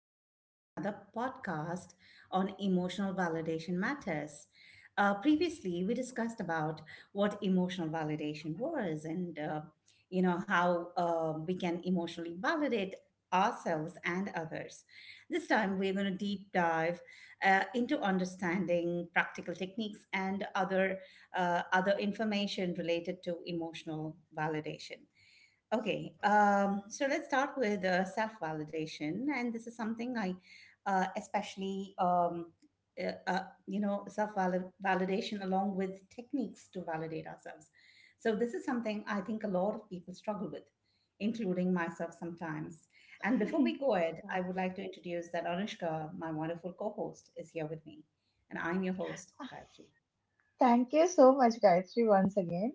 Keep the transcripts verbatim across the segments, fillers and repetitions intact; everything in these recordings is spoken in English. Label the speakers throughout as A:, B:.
A: back to another podcast on emotional validation matters. Uh, previously, we discussed about what emotional validation was, and uh, you know how uh, we can emotionally validate ourselves and others. This time, we're going to deep dive uh, into understanding practical techniques and other uh, other information related to emotional validation. Okay, um, so let's start with uh, self validation, and this is something I uh, especially, um, uh, uh, you know, self validation along with techniques to validate ourselves. So, this is something I think a lot of people struggle with, including myself sometimes. And before we go ahead, I
B: Yeah.
A: would like to introduce that Anushka, my wonderful co host, is here with me, and I'm your host, Gayatri.
B: Thank you so much, Gayatri, once again.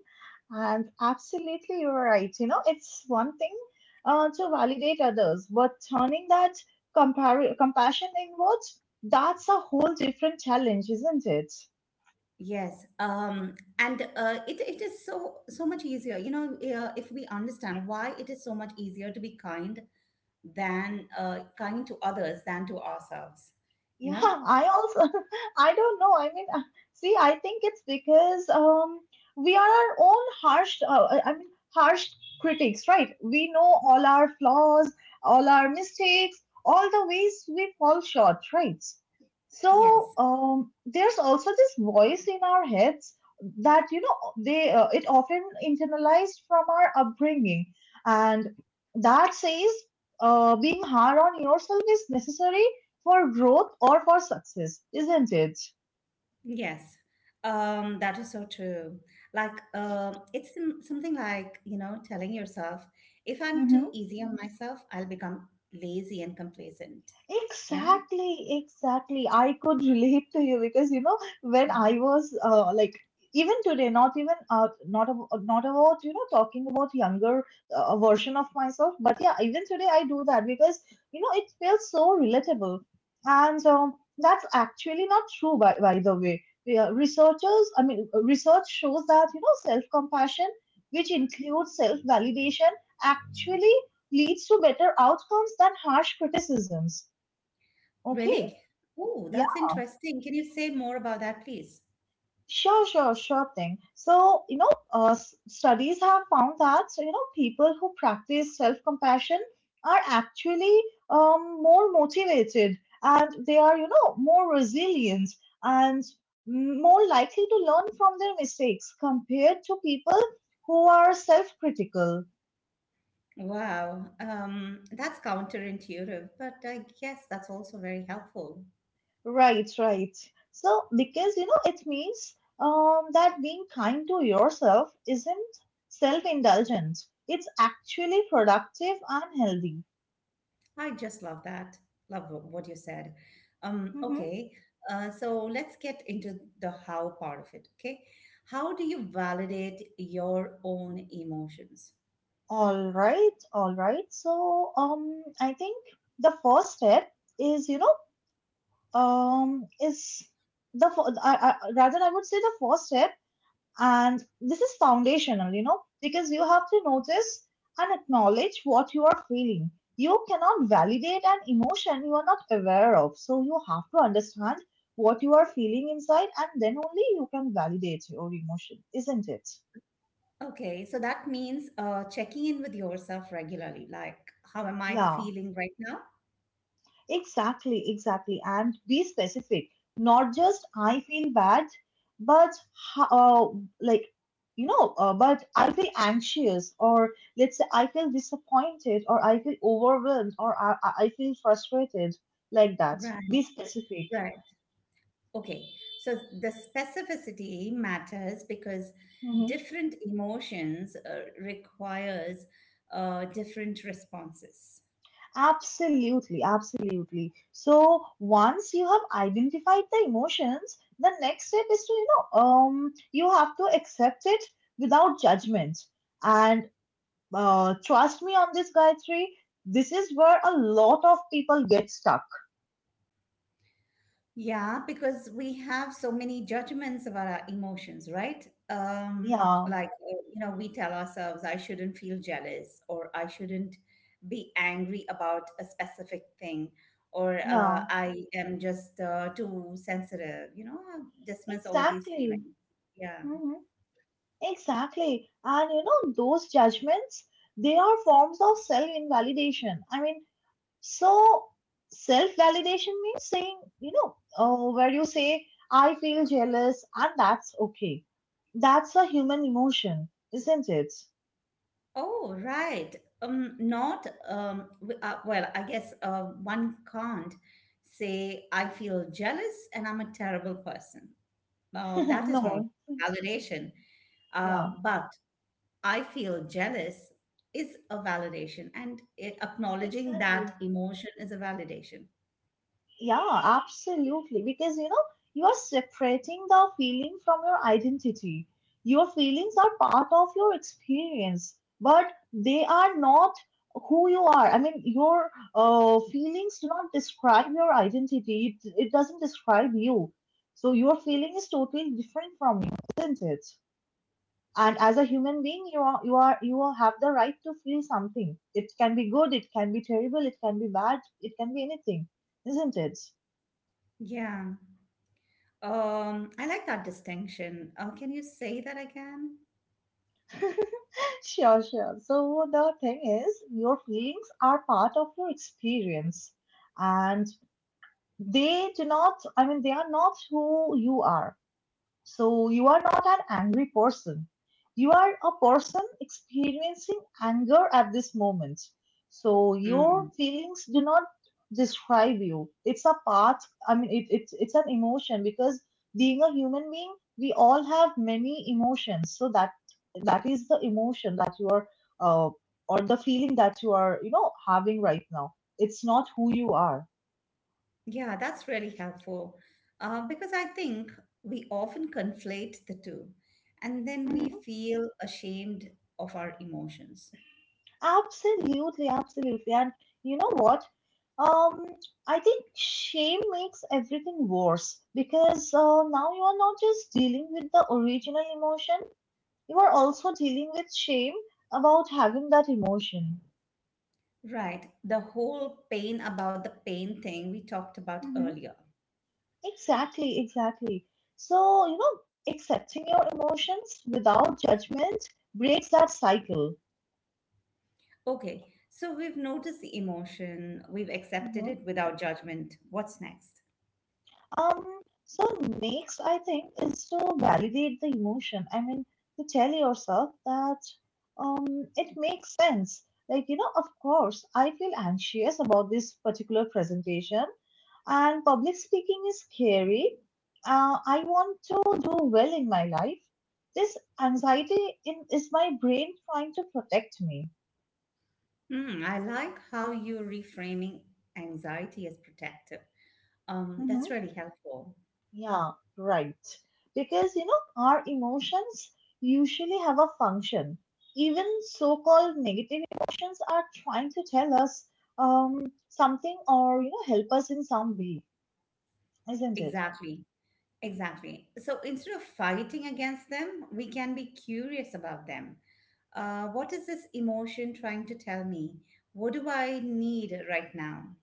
B: And absolutely, you're right. You know, it's one thing uh, to validate others, but turning that compar- compassion inwards, that's a whole different challenge, isn't it?
A: Yes, um, and uh, it it is so so much easier. You know, uh, if we understand why it is so much easier to be kind than uh, kind to others than to ourselves. You
B: Yeah,
A: know.
B: I also, I don't know. I mean, uh, see, I think it's because um, we are our own harsh, uh, uh, I mean, harsh critics, right? We know all our flaws, all our mistakes, all the ways we fall short, right? So
A: Yes.
B: um, there's also this voice in our heads that you know they uh, it often internalized from our upbringing, and that says uh, being hard on yourself is necessary for growth or for success, isn't it?
A: Yes, um, that is so true. Like, um, it's some- something like, you know, telling yourself, if I'm too
B: Mm-hmm.
A: easy on myself, I'll become lazy and complacent. Yeah.
B: Exactly, exactly. I could relate to you because you know when I was uh, like even today, not even uh, not ab- not about you know talking about younger uh, version of myself, but yeah, even today I do that because you know it feels so relatable, and um, that's actually not true by by the way. Yeah, researchers, I mean, research shows that you know self compassion, which includes self validation, actually leads to better outcomes than harsh criticisms.
A: Really?
B: Okay.
A: Oh,
B: Yeah,
A: that's interesting. Can you say more about that, please?
B: sure, sure, sure thing. So, you know, uh, s- studies have found that, so, you know, people who practice self-compassion are actually um, more motivated and they are, you know, more resilient and more likely to learn from their mistakes compared to people who are self-critical.
A: Wow. Um, that's counterintuitive, but I guess that's also very helpful.
B: Right, right. So, because you know, it means um, that being kind to yourself isn't self-indulgent. It's actually productive and healthy.
A: I just love that. Love what you said. Um,
B: Mm-hmm.
A: okay, uh, so let's get into the how part of it. Okay, how do you validate your own emotions?
B: All right, all right. So, um, I think the first step is, you know, um, is the fir- I, I, rather I would say the first step. And this is foundational, you know, because you have to notice and acknowledge what you are feeling. You cannot validate an emotion you are not aware of. So you have to understand what you are feeling inside, and then only you can validate your emotion, isn't it?
A: Okay, so that means uh, checking in with yourself regularly. Like, how am I
B: Yeah.
A: feeling right now?
B: Exactly, exactly. And be specific. Not just I feel bad, but ho- uh, like, you know, uh, but I feel anxious, or let's say I feel disappointed, or I feel overwhelmed, or I, I I feel frustrated, like that. Be
A: Right,
B: specific.
A: right. Okay. So the specificity matters because
B: Mhm.
A: different emotions uh, requires uh, different responses.
B: Absolutely, absolutely. So once you have identified the emotions, the next step is to, you know, um, you have to accept it without judgment. Uh, trust me on this, Gayatri. This is where a lot of people get stuck.
A: Yeah, because we have so many judgments about our emotions, right? Um,
B: Yeah,
A: like, uh, you know, we tell ourselves, I shouldn't feel jealous, or I shouldn't be angry about a specific thing, or uh,
B: yeah,
A: I am just uh, too sensitive, you know, uh, dismiss all these
B: exactly.
A: feelings. Yeah.
B: hmm Exactly. And you know, those judgments, they are forms of self invalidation. I mean, so self validation means saying, you know, uh, where you say, I feel jealous, and that's okay. That's a human emotion, isn't it?
A: Oh, right. Um, not, um, w- uh, well, I guess uh, one can't say, I feel jealous and I'm a terrible person. Uh, that is not
B: No.
A: validation.
B: Yeah,
A: Um, but I feel jealous is a validation, and i- acknowledging that
B: exactly.
A: emotion is a validation.
B: Yeah, absolutely. Because you know, you are separating the feeling from your identity. Your feelings are part of your experience, but they are not who you are. I mean, your uh, feelings do not describe your identity, it, it doesn't describe you. So, your feeling is totally different from you, isn't it? And as a human being, you are you are you have the right to feel something. It can be good, it can be terrible, it can be bad, it can be anything, isn't it?
A: Yeah. Um, I like that distinction. Uh, can you say that again?
B: Sure, sure. So the thing is, your feelings are part of your experience and they do not, I mean, they are not who you are. So you are not an angry person. You are a person experiencing anger at this moment. So your
A: Mm.
B: feelings do not describe you. It's a part. I mean, it, it's it's an emotion because being a human being, we all have many emotions. So that that is the emotion that you are, uh, or the feeling that you are, you know, having right now. It's not who you are.
A: Yeah, that's really helpful uh, because I think we often conflate the two and then we feel ashamed of our emotions.
B: Absolutely, absolutely. And you know what? Um, I think shame makes everything worse because uh, now you are not just dealing with the original emotion, you are also dealing with shame about having that emotion.
A: Right. The whole pain about the pain thing we talked about
B: hmm
A: earlier.
B: Exactly, exactly. So, you know, accepting your emotions without judgment breaks that cycle.
A: Okay. So we've noticed the emotion, we've accepted it without judgment. What's next?
B: Um, so next, I think, is to validate the emotion. I mean, to tell yourself that um, it makes sense. Like, you know, of course, I feel anxious about this particular presentation, and public speaking is scary. Uh, I want to do well in my life. This anxiety in, is my brain trying to protect me.
A: Hmm, I like how you're reframing anxiety as protective. Um, that's
B: Mm-hmm.
A: really helpful.
B: Yeah, right. Because, you know, our emotions usually have a function. Even so-called negative emotions are trying to tell us um, something or, you know, help us in some way, isn't it?
A: Exactly. Exactly. So instead of fighting against them, we can be curious about them. Uh, what is this emotion trying to tell me? What do I need right now?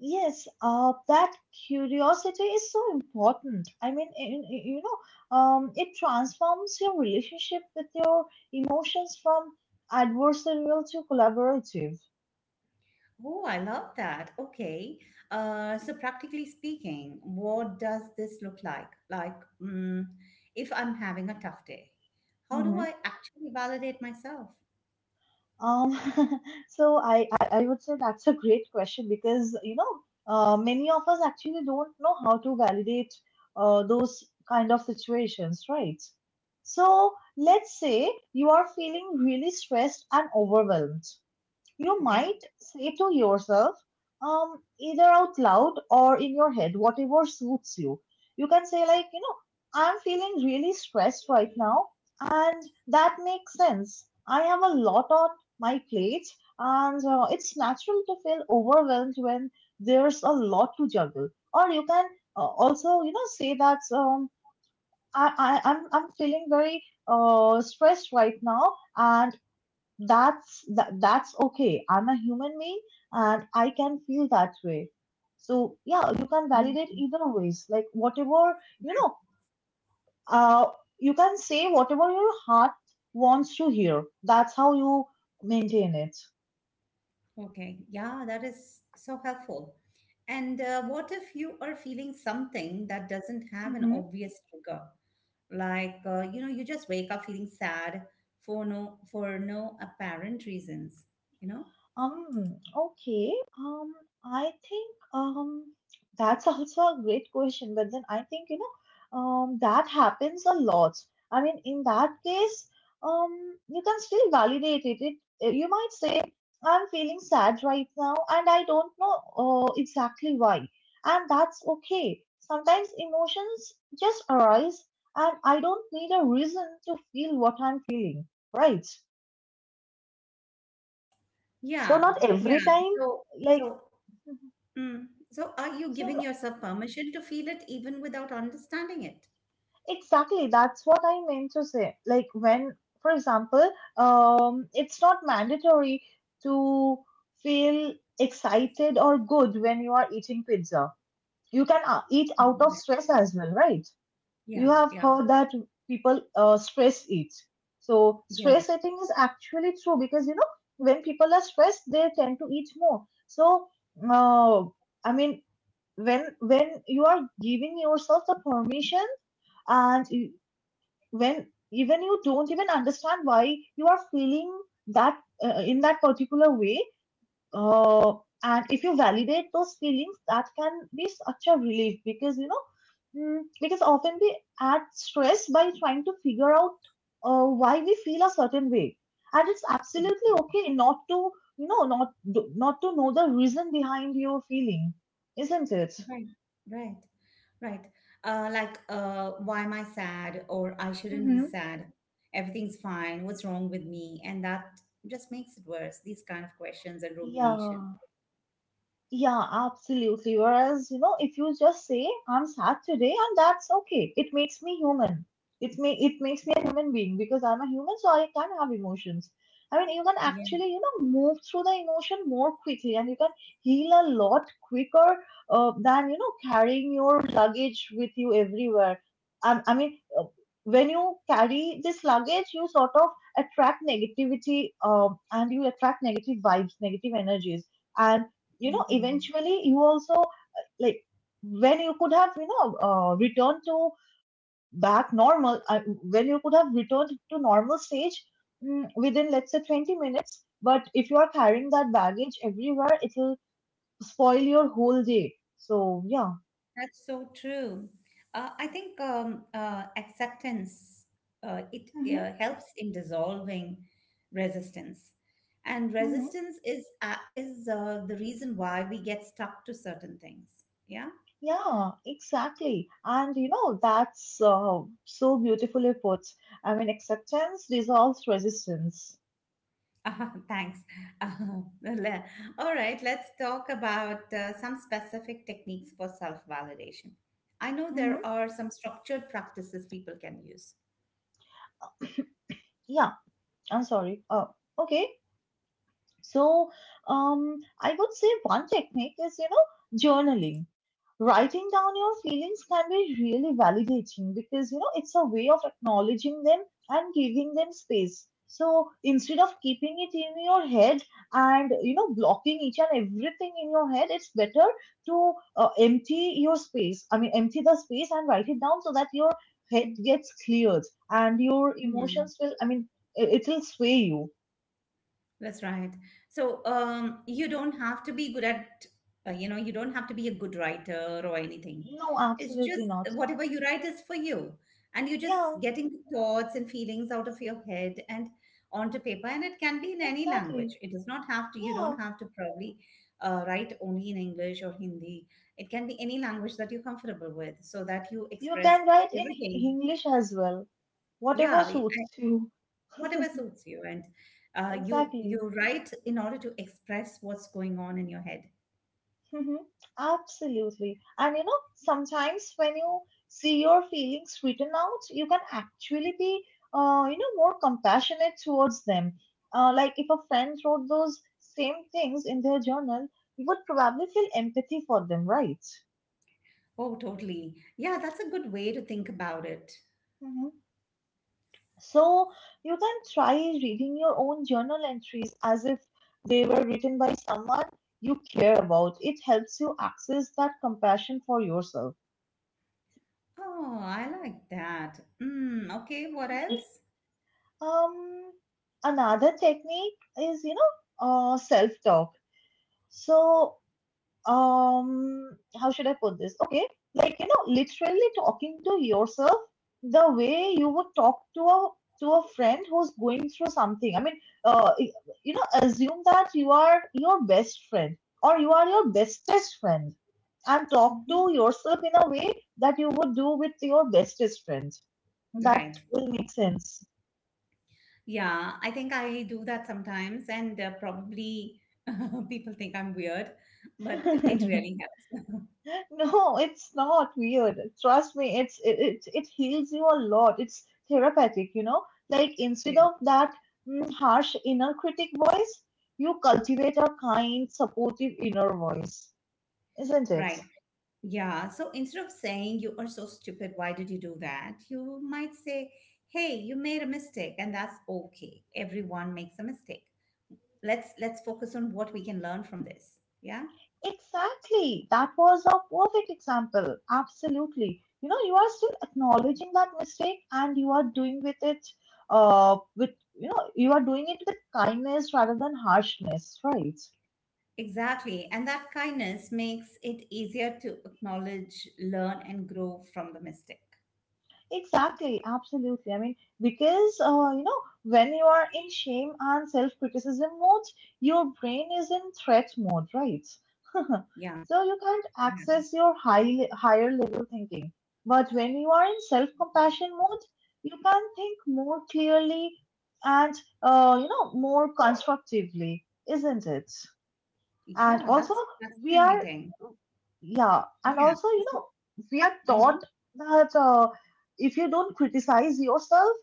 B: Yes, uh, that curiosity is so important. I mean, in, in- you know, um, it transforms your relationship with your emotions from adversarial to collaborative.
A: Oh, I love that. Okay. Uh, so practically speaking, what does this look like? Like, mm, if I'm having a tough day, how do
B: Mm-hmm.
A: I actually validate myself?
B: Um, so I, I I would say that's a great question because you know uh, many of us actually don't know how to validate uh, those kind of situations, right? So let's say you are feeling really stressed and overwhelmed. You
A: Okay.
B: might say to yourself, um, either out loud or in your head, whatever suits you. You can say, like, you know, I'm feeling really stressed right now, and that makes sense. I have a lot on my plate, and uh, it's natural to feel overwhelmed when there's a lot to juggle. Or you can uh, also, you know, say that um, I, I, I'm, I'm feeling very uh, stressed right now, and that's that, that's okay. I'm a human being and I can feel that way. So yeah, you can validate
A: Mhm.
B: either ways, like whatever you know uh you can say whatever your heart wants to hear. That's how you maintain it.
A: Okay. Yeah, that is so helpful. And uh, what if you are feeling something that doesn't have an obvious trigger? Like, uh, you know, you just wake up feeling sad for no for no apparent reasons, you know?
B: Um, okay. Um, I think um that's also a great question, but then I think you know um that happens a lot. I mean, in that case, um, you can still validate it. It eh, you might say, I'm feeling sad right now, and I don't know uh, exactly why, and that's okay. Sometimes emotions just arise, and I don't need a reason to feel what I'm feeling, right? So
A: Yeah,
B: not every
A: yeah.
B: time,
A: So so
B: like.
A: Mm. So are you
B: So
A: giving
B: n-
A: yourself permission to feel it even without understanding it?
B: exactly, that's what I meant to say. Like when, for example, um, it's not mandatory to feel excited or good when you are eating pizza. You can uh, eat out of
A: Mhm.
B: stress as well, right? You
A: Yeah,
B: have
A: yeah,
B: heard that people uh, stress eat. So
A: yeah.
B: stress eating is actually true because you know when people are stressed, they tend to eat more. So uh, I mean, when when you are giving yourself the permission and you, when even you don't even understand why you are feeling that uh, in that particular way, uh, and if you validate those feelings, that can be such a relief because you know mm, because often we add stress by trying to figure out uh, why we feel a certain way, and it's absolutely
A: Absolutely.
B: okay not to you know not not to know the reason behind your feeling, isn't it?
A: Right, right, right. Uh, like, uh, why am I sad? Or I shouldn't be
B: Mm-hmm.
A: sad. Everything's fine. What's wrong with me? And that just makes it worse, these kind of questions and rumination.
B: yeah Yeah, absolutely. Whereas, you know, if you just say I'm sad today and that's okay. It makes me human. It may it makes me a human being because I'm a human, so I can have emotions. I mean, you can
A: Yeah.
B: actually, you know, move through the emotion more quickly and you can heal a lot quicker uh, than, you know, carrying your luggage with you everywhere. I, I mean, uh, when you carry this luggage, you sort of attract negativity, um, and you attract negative vibes, negative energies. And you know
A: Mhm.
B: eventually you also like when you could have you know uh, returned to back normal, uh, when you could have returned to normal stage, mm, within let's say twenty minutes, but if you are carrying that baggage everywhere it will spoil your whole day. So yeah.
A: That's so true. Uh, I think um, uh, acceptance uh, it
B: Mm-hmm.
A: uh, helps in dissolving resistance, and
B: Mm-hmm.
A: resistance is uh, is uh, the reason why we get stuck to certain things. Yeah.
B: Yeah, exactly. And you know, that's uh, so beautifully put. I mean, acceptance dissolves resistance.
A: Uh, thanks. Uh, le- all right. Let's talk about uh, some specific techniques for self validation. I know
B: Mm-hmm.
A: there are some structured practices people can use.
B: Yeah, I'm sorry. Oh, okay. So, um, I would say one technique is, you know, journaling. Writing down your feelings can be really validating because, you know, it's a way of acknowledging them and giving them space. So instead of keeping it in your head and, you know, blocking each and everything in your head, it's better to uh, empty your space. I mean, empty the space and write it down so that your head gets cleared and your emotions will, I mean, it, it will sway you.
A: That's right. So um, you don't have to be good at, uh, you know, you don't have to be a good writer or anything.
B: No,
A: It's
B: absolutely
A: just
B: not.
A: whatever you write is for you. And you're
B: Yeah,
A: just getting the thoughts and feelings out of your head and onto paper. And it can be in any
B: exactly.
A: language. It does not have to, you
B: Yeah,
A: don't have to probably uh, write only in English or Hindi. It can be any language that you're comfortable with so that you
B: you
A: express
B: can write in H-
A: everything.
B: English as well. Whatever
A: Yeah,
B: suits you.
A: whatever suits you, and uh, you you
B: Exactly.
A: write in order to express what's going on in your head.
B: Mhm. Absolutely. And you know, sometimes when you see your feelings written out, you can actually be, uh, you know, more compassionate towards them. Uh, like if a friend wrote those same things in their journal, you would probably feel empathy for them, right?
A: Oh totally, yeah, that's a good way to think about it.
B: Mm-hmm. So you can try reading your own journal entries as if they were written by someone you care about. It helps you access that compassion for yourself.
A: Oh I like that. Mm, okay, what else?
B: Um, Another technique is, you know, uh, self talk. So, um how should I put this? Okay, like, you know literally talking to yourself the way you would talk to a to a friend who's going through something. I mean, uh you know assume that you are your best friend, or you are your bestest friend, and talk to
A: Mhm.
B: yourself in a way that you would do with your bestest friend. That
A: Right,
B: will make sense.
A: yeah, I think I do that sometimes and uh, probably people think I'm weird but it really helps.
B: No, it's not weird. Trust me, it's it, it it heals you a lot. It's therapeutic, you know. Like, instead
A: Yeah.
B: of that mm, harsh inner critic voice, you cultivate a kind, supportive inner voice, isn't it?
A: Right. Yeah, so instead of saying you are so stupid, why did you do that? You might say, "Hey, you made a mistake, and that's okay. Everyone makes a mistake. Let's let's focus on what we can learn from this." Yeah?
B: Exactly. That was a perfect example. Absolutely. You know, you are still acknowledging that mistake, and you are doing with it uh with you know, you are doing it with kindness rather than harshness, right?
A: Exactly. And that kindness makes it easier to acknowledge, learn, and grow from the mistake.
B: Exactly, absolutely. I mean, because uh, you know, when you are in shame and self-criticism mode, your brain is in threat mode, right?
A: Yeah.
B: So you can't
A: Yeah.
B: access your high higher level thinking. But when you are in self-compassion mode, you can think more clearly and, uh, you know, more constructively, isn't it? And
A: Yeah,
B: also,
A: that's
B: we are
A: fascinating.
B: yeah, and
A: Yeah.
B: also, you
A: So,
B: know, we are
A: mhm.
B: taught that, uh, if you don't criticize yourself,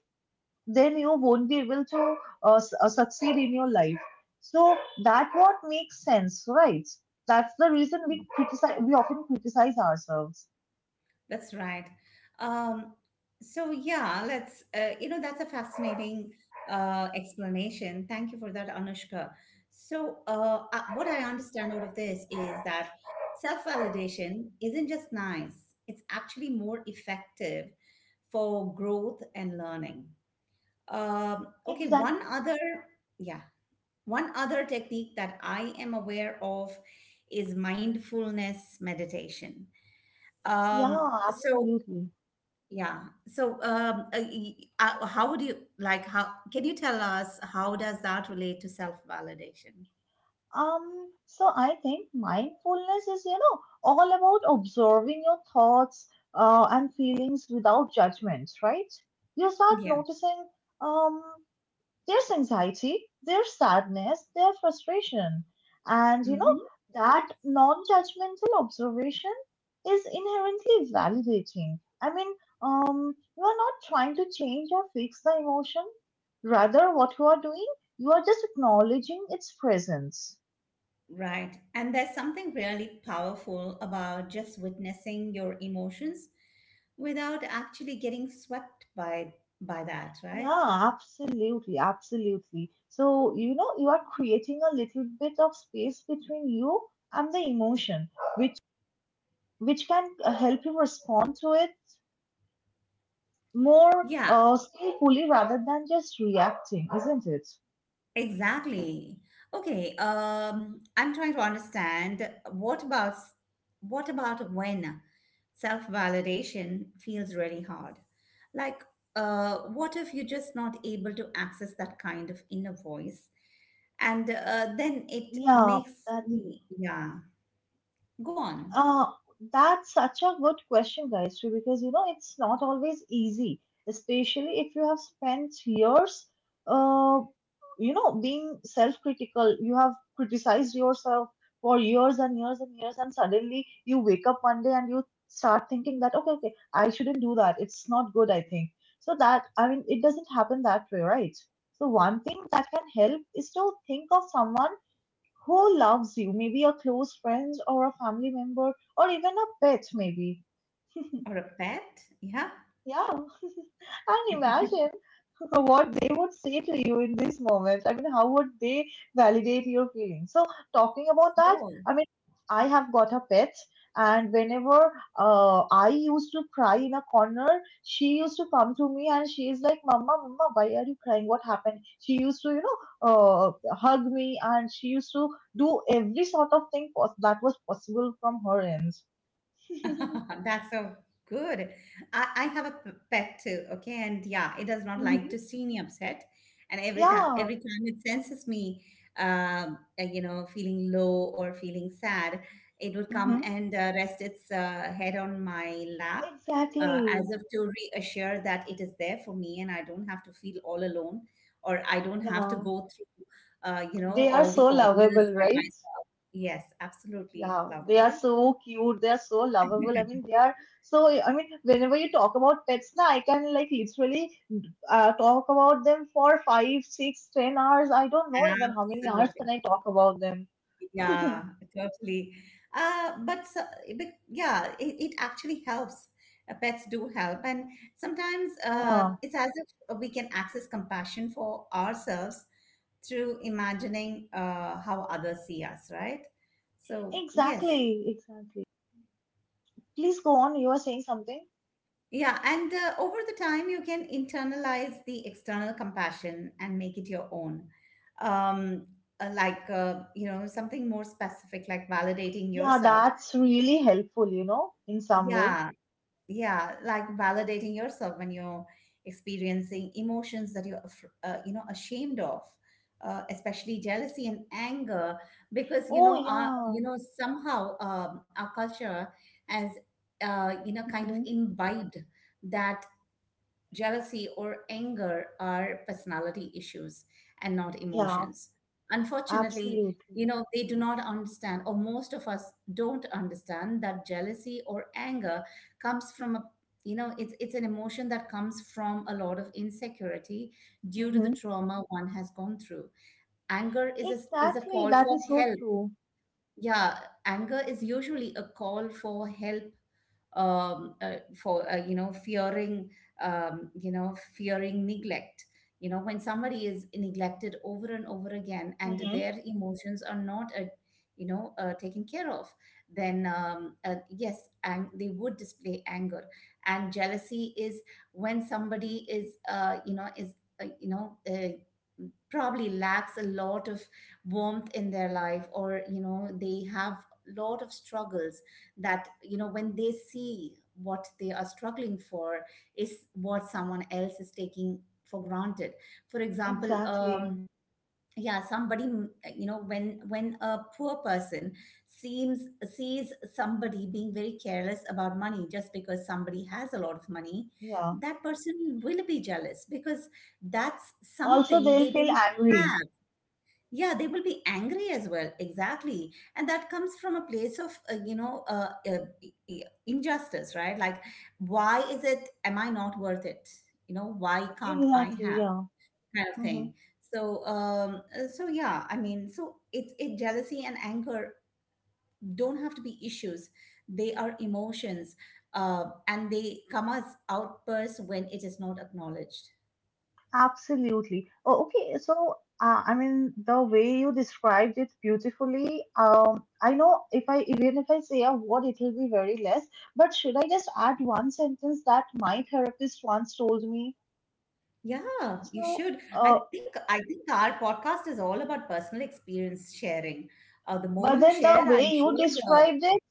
B: then you won't be able to uh, s- uh, succeed in your life. So that what makes sense, right? That's the reason we criticize. We often criticize ourselves.
A: That's right. Um, so yeah, let's. Uh, you know, that's a fascinating uh, explanation. Thank you for that, Anushka. So uh, uh, what I understand out of this is that self-validation isn't just nice; it's actually more effective for growth and learning. Um, okay,
B: Exactly.
A: one other, yeah, one other technique that I am aware of is mindfulness meditation. Um,
B: Yeah,
A: so
B: absolutely.
A: yeah. So, um, uh, y- uh, how would you like how can you tell us how does that relate to self-validation?
B: Um, so I think mindfulness is, you know, all about observing your thoughts, uh, and feelings without judgment, right? You start
A: Yeah.
B: noticing. Um, There's anxiety, there's sadness, there's frustration. And, you know,
A: Hmm.
B: that non judgmental observation is inherently validating. I mean, um, you are not trying to change or fix the emotion. Rather, what you are doing, you are just acknowledging its presence.
A: Right. And there's something really powerful about just witnessing your emotions without actually getting swept by by that, right?
B: Yeah, absolutely, absolutely. So, you know, you are creating a little bit of space between you and the emotion, which which can uh, help you respond to it more
A: Yeah.
B: uh, skillfully rather than just reacting, isn't it?
A: Exactly. Okay, um, I'm trying to understand what about what about when self-validation feels really hard? Like, uh, what if you're just not able to access that kind of inner voice? And uh, then it
B: Yeah,
A: makes
B: that
A: me, yeah, go on.
B: Uh, that's such a good question, Gayatri, because, you know it's not always easy, especially if you have spent years, uh, you know, being self-critical. You have criticized yourself for years and years and years, and suddenly you wake up one day and you start thinking that, okay, okay, I shouldn't do that. It's not good, I think. So that, I mean, it doesn't happen that way, right? So one thing that can help is to think of someone who loves you, maybe a close friend or a family member or even a pet, maybe.
A: Or a pet, yeah,
B: Yeah, and imagine. So what they would say to you in this moment. I mean, how would they validate your feelings? So, talking about that,
A: go.
B: I mean, I have got a pet, and whenever uh, I used to cry in a corner, she used to come to me and she is like, "Mama, Mama, why are you crying? What happened?" She used to, you know, uh, hug me, and she used to do every sort of thing pos- that was possible from her end.
A: That's so good. I, I have a p- pet too, okay? And yeah, it does not like
B: Mhm.
A: to see me upset. And every time
B: Yeah,
A: every time it senses me um uh, you know feeling low or feeling sad, it would come
B: hmm
A: and uh, rest its uh, head on my lap uh, as
B: exactly.
A: if to reassure that it is there for me and I don't have to feel all alone or I don't have to
B: Yeah.
A: go through uh, you know
B: They are
A: all
B: so
A: the ordeals
B: lovable,
A: by
B: right?
A: myself. Yes, absolutely
B: Yeah, they are
A: lovable.
B: so cute. They are so lovable. I mean, they are so. I mean, whenever you talk about pets, na, I can like literally, uh, talk about them for five, six, ten hours. I don't know even how many hours
A: Absolutely.
B: can I talk about them.
A: Yeah, totally. Uh, but, so- but yeah, it, it actually helps. Uh, pets do help. And sometimes uh,
B: Yeah,
A: it's as if we can access compassion for ourselves through imagining uh, how others see us, right? So, yes.
B: exactly, exactly. Please go on. You were saying something.
A: Yeah. And uh, over the time, you can internalize the external compassion and make it your own. Um, uh, like, uh, you know, something more specific, like validating
B: Yeah,
A: yourself.
B: that's really helpful, you know, in some way.
A: Yeah, yeah, like validating yourself when you're experiencing emotions that you're af- uh, you know ashamed of, uh, especially jealousy and anger, because you
B: Oh,
A: know our you
B: yeah.
A: know somehow um, our culture has uh, you know kind of
B: Hmm.
A: imbibed that jealousy, or anger are personality issues and not
B: Yeah,
A: emotions. Unfortunately,
B: absolutely.
A: you know, they do not understand, or most of us don't understand that jealousy or anger comes from a you know it's it's an emotion that comes from a lot of insecurity due to the
B: Hmm.
A: trauma one has gone through. Anger is a is a
B: Exactly.
A: call
B: That
A: for
B: is so
A: help.
B: true.
A: Yeah, anger is usually a call for help, um, uh, for uh, you know fearing um, you know fearing neglect. You know when somebody is neglected over and over again and
B: Mm-hmm.
A: their emotions are not uh, you know uh, taken care of, then um, uh, yes, and they would display anger. And jealousy is when somebody is uh, you know is uh, you know uh, probably lacks a lot of warmth in their life, or you know they have lot of struggles, that you know when they see what they are struggling for is what someone else is taking for granted. For example,
B: Exactly.
A: um yeah, somebody, you know, when when a poor person seems sees somebody being very careless about money just because somebody has a lot of money,
B: Yeah.
A: that person will be jealous because that's
B: Also,
A: something
B: they'll
A: they
B: feel
A: don't
B: angry.
A: have. Yeah, they will be angry as well, exactly, and that comes from a place of uh, you know uh, uh, i- i- injustice, right? Like, why is it, am I not worth it, you know, why can't I
B: Exactly.
A: have,
B: Yeah.
A: kind of
B: Mm-hmm.
A: thing. So um uh, so yeah I mean so it's it jealousy and anger don't have to be issues, they are emotions, uh, and they come as outbursts when it is not acknowledged.
B: Absolutely. Oh, okay. So, uh, I mean, the way you described it beautifully, um, I know if I, even if I say a word, it will be very less. But should I just add one sentence that my therapist once told me?
A: Yeah, you
B: So,
A: should.
B: uh,
A: I think I think our podcast is all about personal experience sharing, uh, the more
B: but
A: you
B: then the
A: share
B: way
A: I'm
B: you
A: sure the
B: described it,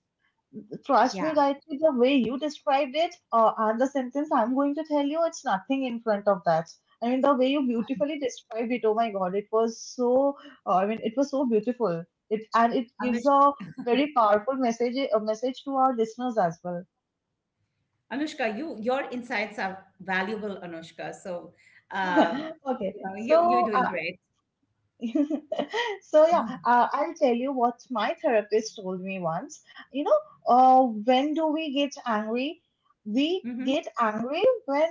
B: trust me,
A: yeah
B: Gayatri, the way you described it, uh, and the sentence I'm going to tell you, it's nothing in front of that. I mean, the way you beautifully described it, oh my God, it was so, uh, I mean, it was so beautiful. It and it
A: I'm
B: gives a very powerful message, a message to our listeners as well.
A: Anushka, you your insights are valuable, Anushka. So, um,
B: Okay,
A: you know, you, you're
B: so
A: doing great.
B: So yeah, uh, I'll tell you what my therapist told me once. You know, uh, when do we get angry? We
A: hmm
B: get angry when,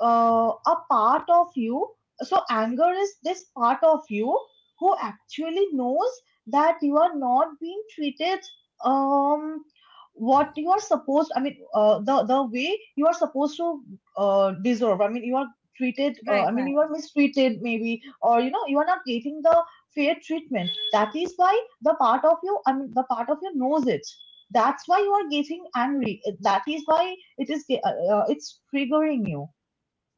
B: uh, a part of you, so anger is this part of you who actually knows that you are not being treated, um what you are supposed, I mean, uh, the the way you are supposed to, uh, deserve. I mean, you are treated, uh,
A: Right,
B: I mean,
A: right.
B: you are mistreated maybe, or, you know you are not getting the fair treatment, that is why the part of you, I mean, the part of you knows it, that's why you are getting angry, that is why it is ge- uh, uh, it's triggering you,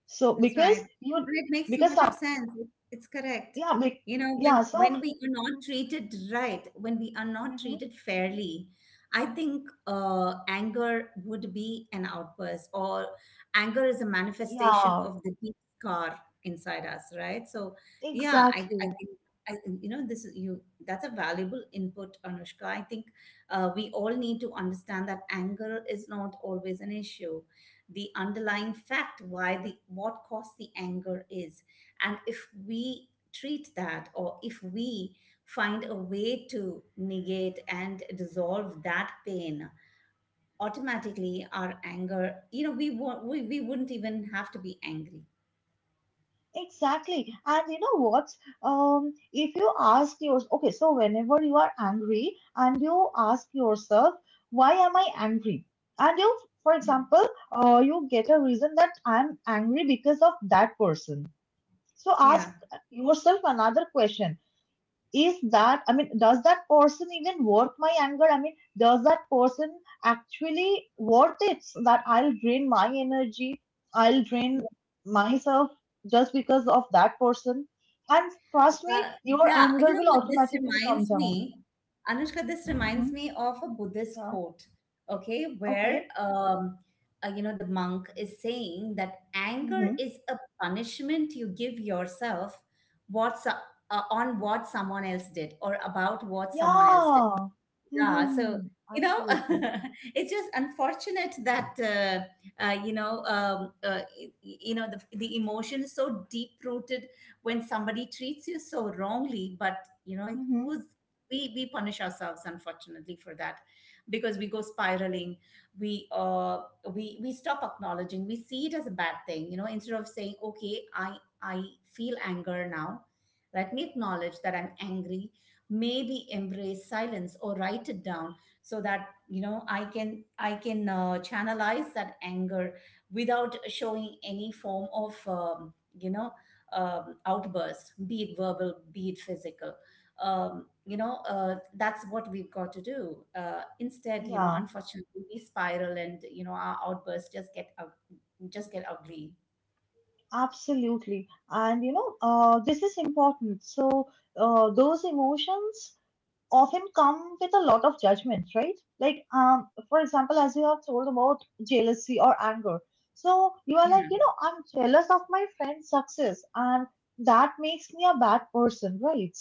B: so
A: That's
B: because
A: right.
B: you,
A: And it makes so
B: because,
A: much of
B: uh,
A: sense. It- It's correct.
B: yeah, be,
A: You know, when
B: yeah, so,
A: when we are not
B: hmm
A: treated right, when we are not
B: hmm
A: treated fairly, I think uh, anger would be an outburst, or anger is a manifestation
B: yeah,
A: of the deep scar inside us, right? So, yeah, I, I
B: exactly.
A: think I, you know, this is you. That's a valuable input, Anushka. I think uh, we all need to understand that anger is not always an issue, the underlying fact, why the what caused the anger is, and if we treat that, or if we find a way to negate and dissolve that pain, automatically our anger, you know, we won't we, we wouldn't even have to be angry.
B: Exactly. And you know what? Um, if you ask yours, okay, so whenever you are angry and you ask yourself, why am I angry? And you, for
A: yeah
B: example, uh, you get a reason that I'm angry because of that person. So ask
A: yeah
B: yourself another question, is that, I mean, does that person even worth my anger? I mean, does that person actually worth it, so that I'll drain my energy, I'll drain myself just because of that person? And trust me,
A: Uh,
B: your
A: yeah, you
B: anger
A: know
B: will
A: what? This
B: automatically come
A: reminds
B: down.
A: me, Anushka, this
B: Mm-hmm.
A: reminds me of a Buddhist
B: Yeah.
A: quote, okay, where,
B: Okay.
A: um, uh, you know, the monk is saying that anger
B: Mm-hmm.
A: is a punishment you give yourself what's, uh, on what someone else did, or about what someone else did.
B: Yeah.
A: Yeah,
B: Mm-hmm.
A: so you know,
B: Absolutely.
A: it's just unfortunate that uh, uh, you know, um, uh, y- y- you know, the the emotion is so deep rooted when somebody treats you so wrongly. But you know,
B: Mm-hmm.
A: who's, we we punish ourselves unfortunately for that, because we go spiraling. We uh we we stop acknowledging. We see it as a bad thing. You know, instead of saying, okay, I I feel anger now. Let me acknowledge that I'm angry, maybe embrace silence or write it down, so that you know i can i can uh, channelize that anger without showing any form of um, you know um, outburst, be it verbal, be it physical. Um, you know uh, that's what we've got to do, uh, instead, you know,
B: Yeah,
A: unfortunately we spiral, and you know our outbursts just get ug- just get ugly.
B: absolutely. And you know uh, this is important. So, uh, those emotions often come with a lot of judgments, right? Like, um, for example, as you have told about jealousy or anger. So you are
A: yeah
B: like, you know, I'm jealous of my friend's success, and that makes me a bad person, right?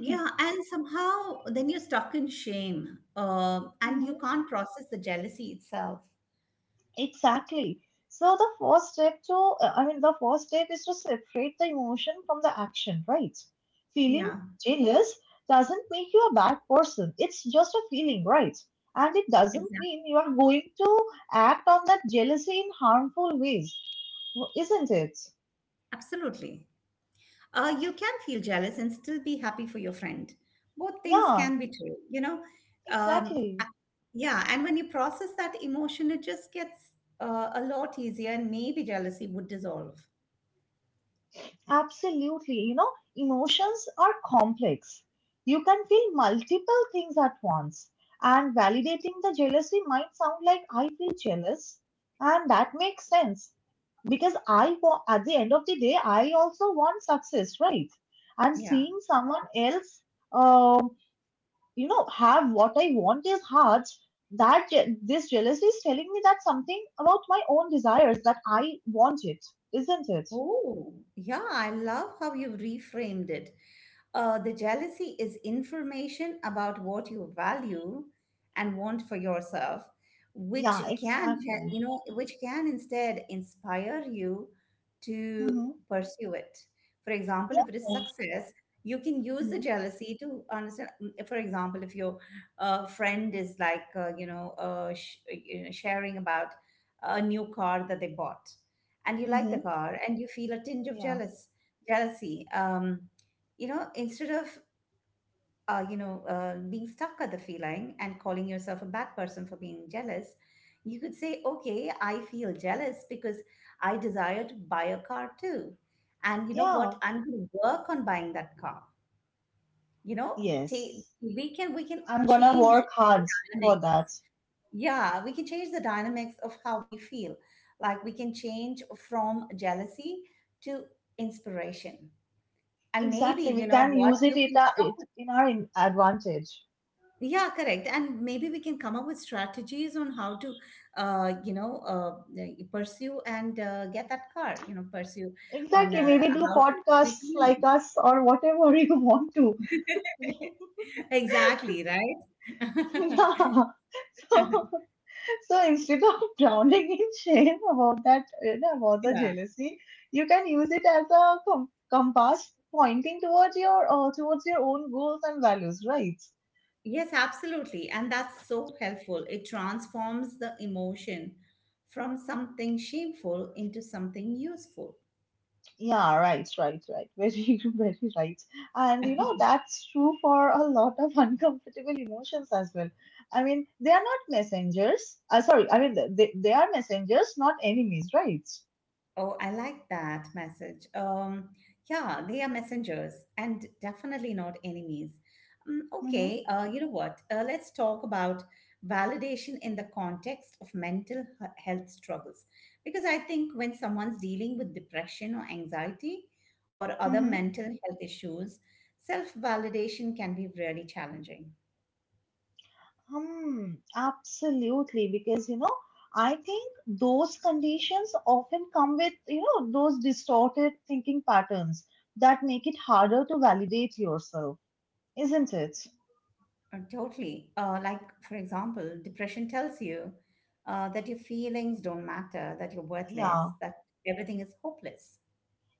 A: Yeah, and somehow then you're stuck in shame, um, and you can't process the jealousy itself.
B: Exactly. So the first step to, uh, I mean, the first step is to separate the emotion from the action, right? Feeling
A: Yeah,
B: jealous doesn't make you a bad person. It's just a feeling, right? And it doesn't
A: exactly.
B: mean you are going to act on that jealousy in harmful ways, isn't it?
A: Absolutely. Uh, you can feel jealous and still be happy for your friend. Both things
B: Yeah,
A: can be true, you know. Um,
B: exactly.
A: a- yeah, and when you process that emotion, it just gets uh, a lot easier, and maybe jealousy would dissolve.
B: Absolutely. You know, emotions are complex. You can feel multiple things at once. And validating the jealousy might sound like, I feel jealous. And that makes sense, because I wa- at the end of the day, I also want success, right? And
A: Yeah.
B: seeing someone else, um, you know, have what I want is hard. That je- this jealousy is telling me that something about my own desires that I want it, isn't it?
A: Oh, yeah, I love how you reframed it. Uh, the jealousy is information about what you value and want for yourself, which
B: Yeah,
A: can, ha- you
B: exactly.
A: know, which can instead inspire you to
B: Mm-hmm.
A: pursue it. For example, if it is
B: Yeah.
A: success, you can use the
B: Mm-hmm.
A: jealousy to understand. mm, For example, if your uh, friend is like, uh, you know, uh, sh- you know, sharing about a new car that they bought, and you like the
B: Mm-hmm.
A: car, and you feel a tinge of
B: Yeah.
A: jealous jealousy um, you know, instead of uh, you know uh, being stuck at the feeling and calling yourself a bad person for being jealous, you could say, okay, I feel jealous because I desire to buy a car too, and you know
B: Yeah.
A: what, I'm going to work on buying that car, you know. Ta
B: Yes.
A: we can we can
B: I'm gonna
A: change.
B: work hard for that.
A: Yeah, we can change the dynamics of how we feel. Like, we can change from jealousy to inspiration. And maybe,
B: Exactly.
A: you
B: We
A: know,
B: can
A: what
B: use it
A: you
B: it,
A: can
B: uh,
A: come up
B: it
A: with.
B: in our in- advantage.
A: Yeah, correct. And maybe we can come up with strategies on how to, uh, you know, uh, pursue and uh, get that car, you know, pursue on
B: Exactly.
A: uh,
B: Maybe do
A: how to make
B: podcasts like
A: money.
B: us or whatever you want to.
A: Exactly, right?
B: Yeah. So, so instead of drowning in shame about that, you know, about the
A: Yeah.
B: jealousy, you can use it as a com- compass pointing towards your uh, towards your own goals and values, right?
A: Yes, absolutely. And that's so helpful. It transforms the emotion from something shameful into something useful.
B: Yeah, right, right, right. Very, very right. And, you know, that's true for a lot of uncomfortable emotions as well. I mean, they are not messengers. Uh, sorry, I mean, th- they, they are messengers, not enemies, right?
A: Oh, I like that message. Um, yeah, they are messengers and definitely not enemies. Mm,
B: Mm-hmm,
A: okay, uh, you know what? Uh, let's talk about validation in the context of mental he- health struggles. Because I think when someone's dealing with depression or anxiety or other
B: mm-hmm.
A: mental health issues, self validation can be really challenging.
B: Hmm, absolutely. Because, you know, I think those conditions often come with, you know, those distorted thinking patterns that make it harder to validate yourself, isn't it?
A: Uh, Totally. Uh, like, for example, depression tells you uh, that your feelings don't matter, that you're
B: Yeah.
A: worthless, that everything is hopeless.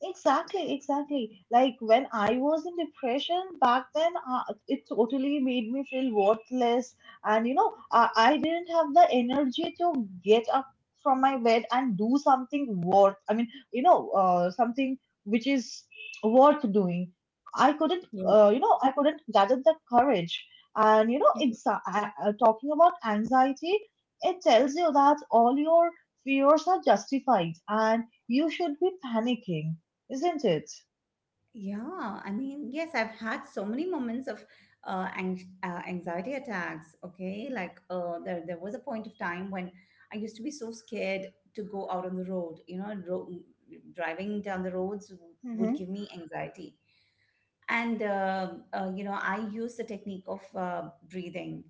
B: Exactly, exactly. Like when I was in depression back then, uh, it totally made me feel worthless. And, you know, I, I didn't have the energy to get up from my bed and do something worth, I mean, you know, uh, something which is worth doing. I couldn't,
A: Yeah.
B: uh, you know, I couldn't gather the courage. And, you know,
A: Yeah.
B: exa- I- I- talking about anxiety, it tells you that all your fears are justified and you should be panicking, isn't it?
A: Yeah, I mean, yes, I've had so many moments of uh, anx- uh, anxiety attacks. Okay, like uh, there, there was a point of time when I used to be so scared to go out on the road. You know, ro- driving down the roads would
B: Mm-hmm.
A: give me anxiety. and uh, uh, you know, I use the technique of uh, breathing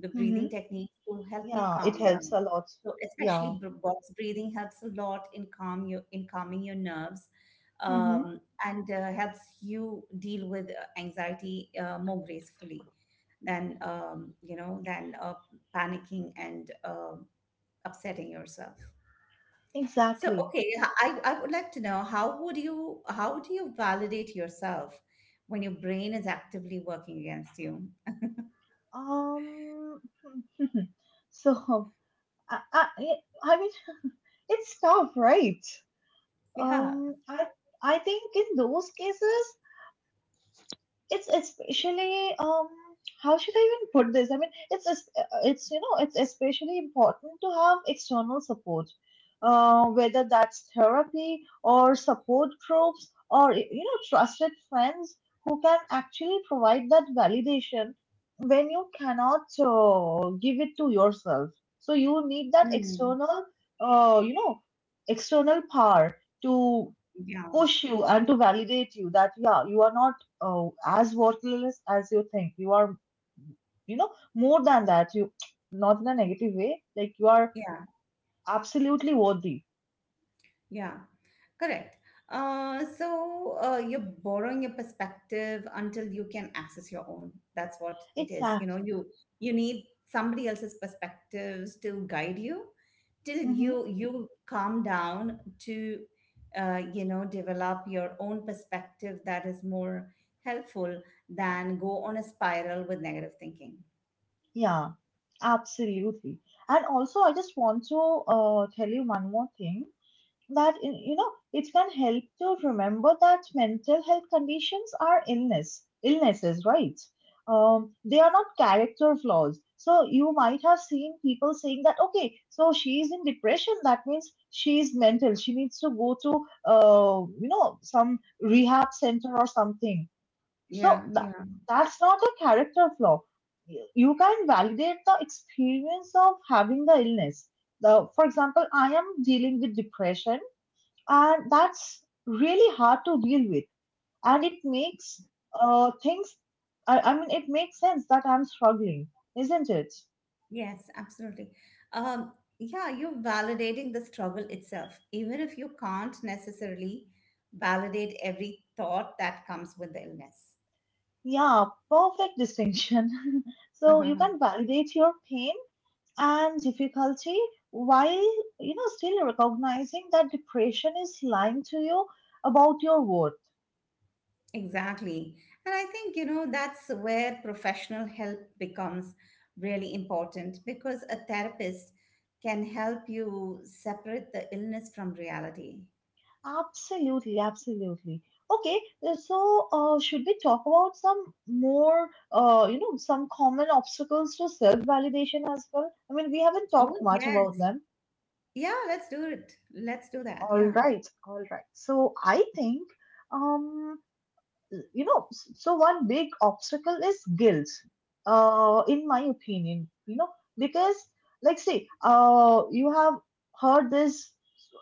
A: the
B: Mm-hmm.
A: breathing techniques to help me
B: Yeah, it
A: calm down,
B: helps a lot.
A: so especially
B: Yeah,
A: br- box breathing helps a lot in calm your in calming your nerves,
B: Mm-hmm,
A: um, and uh, helps you deal with uh, anxiety uh, more gracefully than um, you know than uh, panicking and uh, upsetting yourself. So,
B: exactly.
A: okay, I, I would like to know how would you how do you validate yourself when your brain is actively working against you?
B: Um, so I, I, I mean, it's tough, right?
A: Yeah.
B: Um, I I think in those cases, it's especially um how should I even put this I mean it's es- uh, it's you know it's especially important to have external support, uh, whether that's therapy or support groups or you know trusted friends who can actually provide that validation when you cannot uh, give it to yourself. So you need that
A: Mm.
B: external, uh, you know external power to
A: Yeah.
B: push you and to validate you that yeah, you are not, uh, as worthless as you think you are. You know, more than that, you, not in a negative way, like you are
A: Yeah.
B: absolutely worthy.
A: Yeah, correct. Uh, so uh, you're borrowing a perspective until you can access your own. That's what it is. You know,
B: Exactly.
A: you you need somebody else's perspectives to guide you till
B: Mm-hmm.
A: you you calm down to uh, you know develop your own perspective that is more helpful than go on a spiral with negative thinking.
B: Yeah, absolutely. And also I just want to uh, tell you one more thing, that you know it can help to remember that mental health conditions are illness illnesses, right? Um, they are not character flaws. So you might have seen people saying that, okay, so she is in depression, that means she is mental, she needs to go to uh, you know some rehab center or something. So
A: Yeah,
B: that,
A: yeah.
B: that's not a character flaw. You you can validate the experience of having the illness. the, for example, I am dealing with depression, and that's really hard to deal with. And it makes uh things, I, I mean, it makes sense that I'm struggling, isn't it?
A: Yes, absolutely. Um, yeah, you're validating the struggle itself, even if you can't necessarily validate every thought that comes with the illness.
B: Yeah, perfect distinction. So you can validate your pain and difficulty while, you know, still recognizing that depression is lying to you about your worth.
A: Exactly. And I think, you know, that's where professional help becomes really important because a therapist can help you separate the illness from reality.
B: Absolutely, absolutely. Okay, uh, so uh, should we talk about some more, uh, you know, some common obstacles to self-validation as well? I mean, we haven't talked
A: Oh,
B: much about
A: yes.
B: them.
A: Yeah, let's do it. Let's do that.
B: All
A: Yeah.
B: right, all right. So I think, um, you know s- so one big obstacle is guilt, uh in my opinion, you know, because, like see uh you have heard this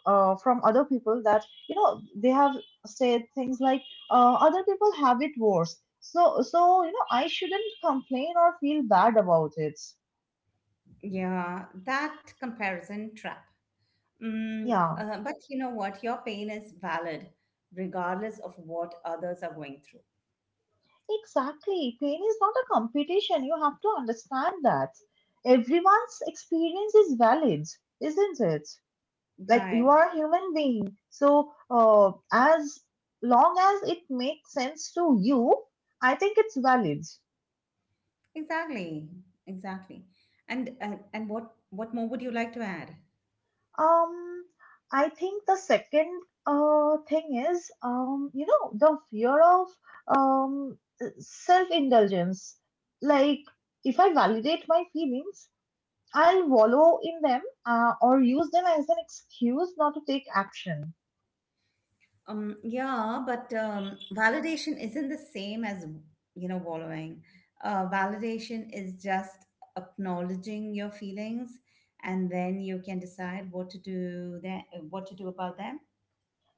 B: uh from other people that, you know, they have said things like, uh other people have it worse, so so you know, I shouldn't complain or feel bad about it.
A: Yeah, that comparison trap. Mm,
B: Yeah,
A: uh, but you know what? Your pain is valid regardless of what others are going through.
B: exactly, pain is not a competition. You have to understand that everyone's experience is valid, isn't it? Like you
A: Right.
B: are a human being. So uh, as long as it makes sense to you, I think it's valid.
A: Exactly. Exactly. And uh, and what what more would you like to add?
B: um I think the second uh, thing is, um you know the fear of, um self indulgence. Like, if I validate my feelings, I'll wallow in them, uh, or use them as an excuse not to take action.
A: Um, yeah, but um, validation isn't the same as, you know, wallowing. Uh, validation is just acknowledging your feelings, and then you can decide what to do that, what to do about them.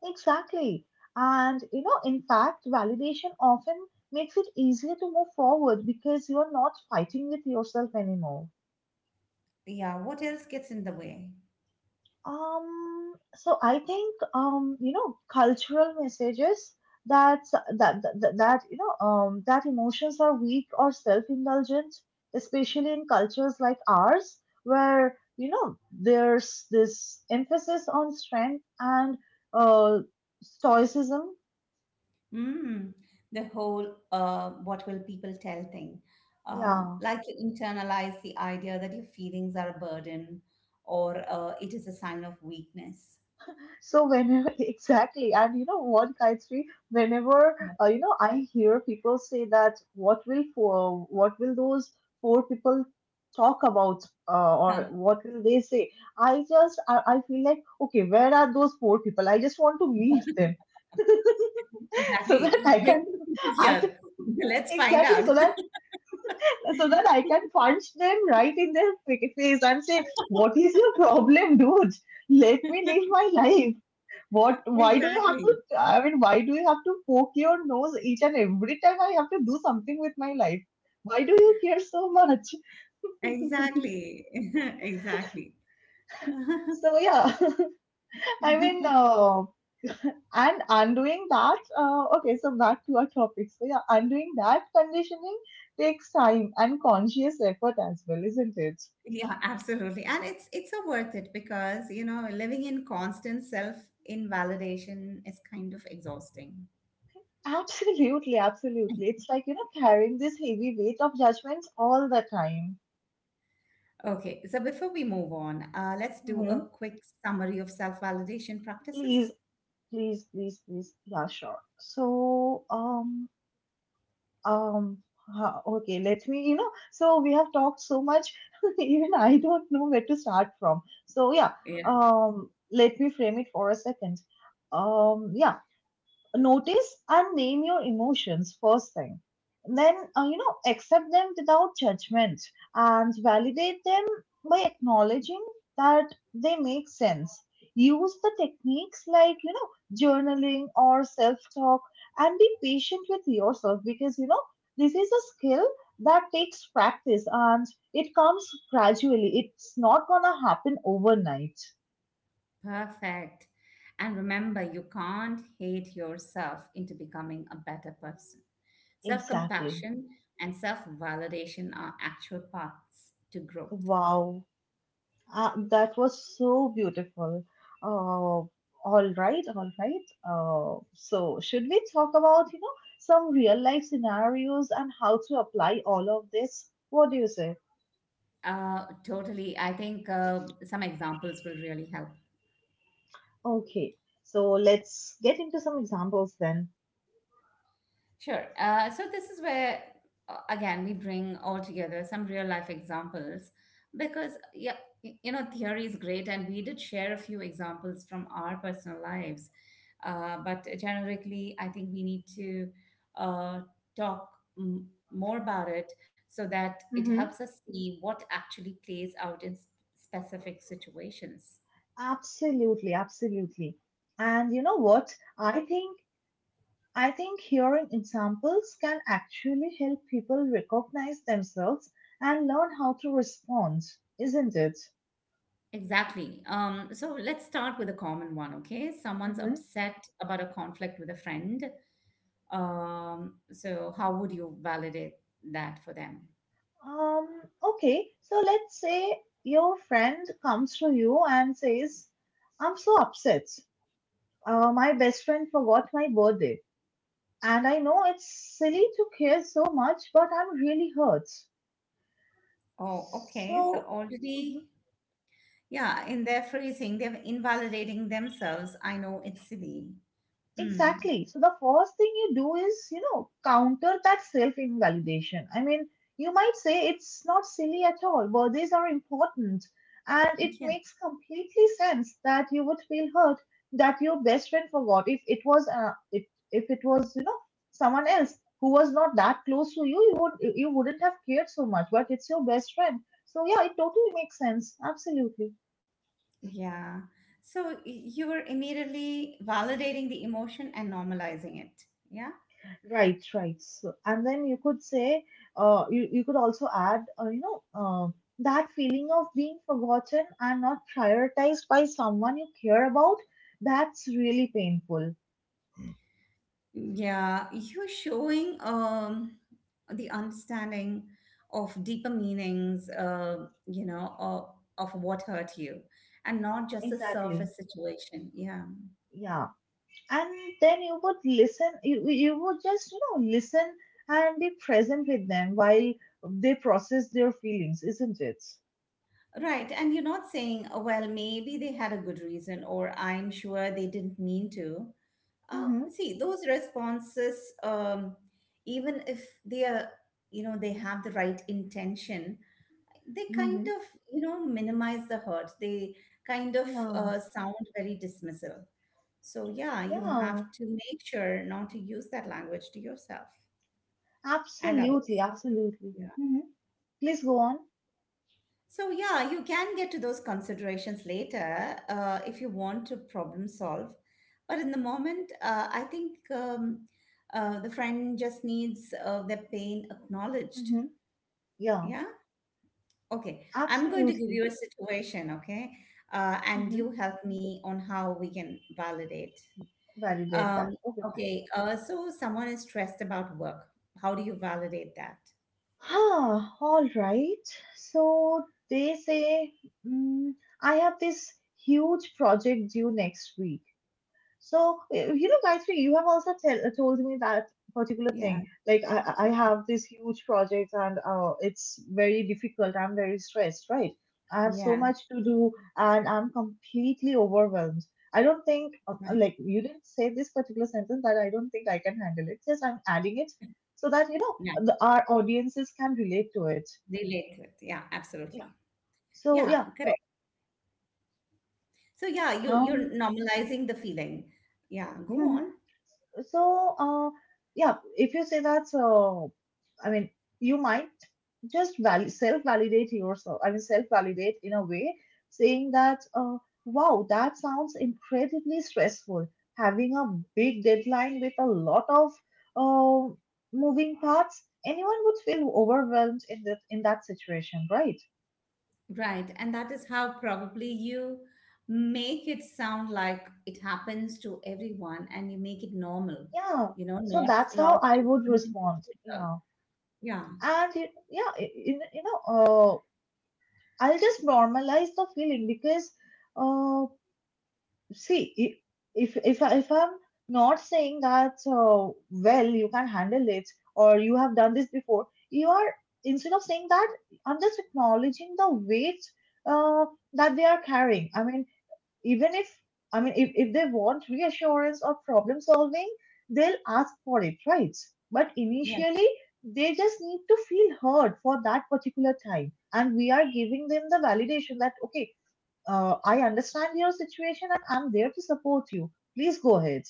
B: Exactly. And you know, in fact, validation often makes it easier to move forward because you're not fighting with yourself anymore.
A: Yeah, what else gets in the way?
B: Um, so I think, um, you know, cultural messages that that that, that, you know, um, that emotions are weak or self-indulgent, especially in cultures like ours, where you know there's this emphasis on strength and, uh, stoicism.
A: Mm, the whole uh, what will people tell thing. Uh,
B: Yeah.
A: like you internalize the idea that your feelings are a burden or uh, it is a sign of weakness.
B: So whenever exactly, and you know what, Gayatri, whenever, uh, you know I hear people say that, what will four, what will those four people talk about, uh, or what will they say? I just I, I feel like, okay, where are those four people? I just want to meet them. So that
A: Exactly.
B: I
A: Bring
B: can,
A: the people
B: I
A: here. Let's find
B: exactly,
A: out.
B: so that, so that I can punch them right in their fa- face and say, what is your problem, dude? Let me live my life. What? Why do you have
A: Exactly.
B: to? I mean, why do you have to poke your nose each and every time I have to do something with my life? Why do you care so much?
A: Exactly. Exactly.
B: So yeah, I mean, uh, and undoing that. Uh, okay, so back to our topic. So yeah, undoing that conditioning takes time and conscious effort as well, isn't it?
A: Yeah, absolutely. And it's it's so worth it because, you know, living in constant self-invalidation is kind of exhausting.
B: Absolutely, absolutely. It's like, you know, carrying this heavy weight of judgments all the time.
A: Okay, so before we move on, uh, let's do
B: Hmm.
A: a quick summary of self-validation
B: Please,
A: practices.
B: please, please, please. Yeah, sure. So, um, um, ha- okay, let me, you know, so we have talked so much, even I don't know where to start from. So, yeah, um, let me frame it for a second. Um, yeah, notice and name your emotions first thing, then uh, you know accept them without judgment and validate them by acknowledging that they make sense. Use the techniques like, you know, journaling or self talk, and be patient with yourself because, you know, this is a skill that takes practice, and it comes gradually. It's not gonna happen overnight.
A: Perfect. And remember, you can't hate yourself into becoming a better person. Self
B: Exactly.
A: compassion and self validation are actual paths to growth.
B: Wow. Uh, that was so beautiful. Uh, all right, all right. Uh, so, should we talk about, you know, some real life scenarios and how to apply all of this? What do you say?
A: Uh, totally. I think uh, some examples will really help.
B: Okay, so let's get into some examples then.
A: Sure. Uh, so this is where uh, again we bring all together some real life examples because yeah, y- you know theory is great, and we did share a few examples from our personal lives. Uh, but generically, I think we need to uh, talk m- more about it so that it
B: Mm-hmm.
A: helps us see what actually plays out in specific situations.
B: Absolutely, absolutely. And you know what? I think I think hearing examples can actually help people recognize themselves and learn how to respond, isn't it?
A: Exactly. Um, so let's start with a common one, okay? Someone's
B: Hmm.
A: upset about a conflict with a friend. Um, so how would you validate that for them?
B: Um, okay, so let's say your friend comes to you and says, I'm so upset. Uh, my best friend forgot my birthday. And I know it's silly to care so much, but I'm really hurt.
A: Oh, okay. So
B: So,
A: already, yeah, in their phrasing, they're invalidating themselves. I know it's silly. Mm.
B: exactly. So the first thing you do is, you know, counter that self-invalidation. I mean, you might say, it's not silly at all. Birthdays are important. And it
A: Yeah.
B: makes completely sense that you would feel hurt that your best friend forgot. If it was uh, if, if it was, you know, someone else who was not that close to you, you would, you wouldn't have cared so much, but it's your best friend. So yeah, it totally makes sense. Absolutely.
A: Yeah. So y- you're immediately validating the emotion and normalizing it. Yeah.
B: Right, right. So, and then you could say, uh, you, you could also add, uh, you know, uh, that feeling of being forgotten and not prioritized by someone you care about, that's really painful.
A: Yeah. You're showing um the understanding of deeper meanings, uh, you know, of, of what hurt you, and not just a
B: Exactly.
A: surface situation. Yeah.
B: Yeah. And then you would listen, you, you you would just, you know, listen and be present with them while they process their feelings, isn't it?
A: Right. And you're not saying, oh, well, maybe they had a good reason, or I'm sure they didn't mean to. Uh,
B: Mm-hmm.
A: see, those responses, um, even if they are, you know, they have the right intention, they kind
B: Mm-hmm.
A: of, you know, minimize the hurt. They kind of
B: Yeah.
A: uh, sound very dismissal. So, yeah, you
B: Yeah.
A: have to make sure not to use that language to yourself and
B: Absolutely.
A: others.
B: Absolutely. Mm-hmm. Please go on.
A: So, yeah, you can get to those considerations later uh, if you want to problem solve. But in the moment, uh, I think um, uh, the friend just needs uh, their pain acknowledged.
B: Mhm. Yeah,
A: Yeah. Okay. I'm going to give
B: absolutely.
A: you a situation, okay? Uh, and
B: Mm-hmm.
A: you help me on how we can validate.
B: Validate
A: Um,
B: that. Okay, fine.
A: okay, uh, so someone is stressed about work. How do you validate that?
B: Ah, all right. So they say, mm, I have this huge project due next week. So, eh, you know, Gayatri, you have also tell, told me that particular thing.
A: Yeah,
B: Like, I, I I
A: yeah,
B: have this huge project and uh, it's very difficult. I'm very stressed, right? I have so
A: yeah,
B: much to do and I'm completely overwhelmed. I don't think, um, uh,
A: right.
B: like, you didn't say this particular sentence that, I don't think I can handle it. Yes, I'm adding it so that, you know,
A: Yeah,
B: the, our audiences can relate to it.
A: relate to it. Yeah,
B: Yeah.
A: absolutely.
B: So,
A: Yeah,
B: yeah. uh,
A: correct. So yeah, you you're
B: Um,
A: normalizing the feeling. Yeah, go on.
B: So, uh, yeah, if you say that, uh, I mean, you might just value, self-validate yourself. I mean, self-validate in a way, saying that, uh, wow, that sounds incredibly stressful. Having a big deadline with a lot of uh, moving parts, anyone would feel overwhelmed in that in that situation, right?
A: Right. And that is how probably you make it sound like it happens to everyone, and you make it normal,
B: Yeah.
A: you know,
B: So
A: not
B: that's
A: not
B: how I
A: as
B: would
A: something
B: respond.
A: peculiar.
B: Yeah.
A: Yeah,
B: And y- yeah, y- you, know- you know, uh, I'll just normalize the feeling because, uh, see, i- if if I- if I'm not saying that, uh, well, you can handle it or you have done this before, you are, instead of saying that, I'm just acknowledging the weight uh, that they are carrying. I mean, even if I mean if, if they want reassurance or problem solving, they'll ask for it, right? But
A: yeah,
B: initially, they just need to feel heard for that particular time, and we are giving them the validation that, okay, uh, I understand your situation and I'm there to support you. Please go ahead.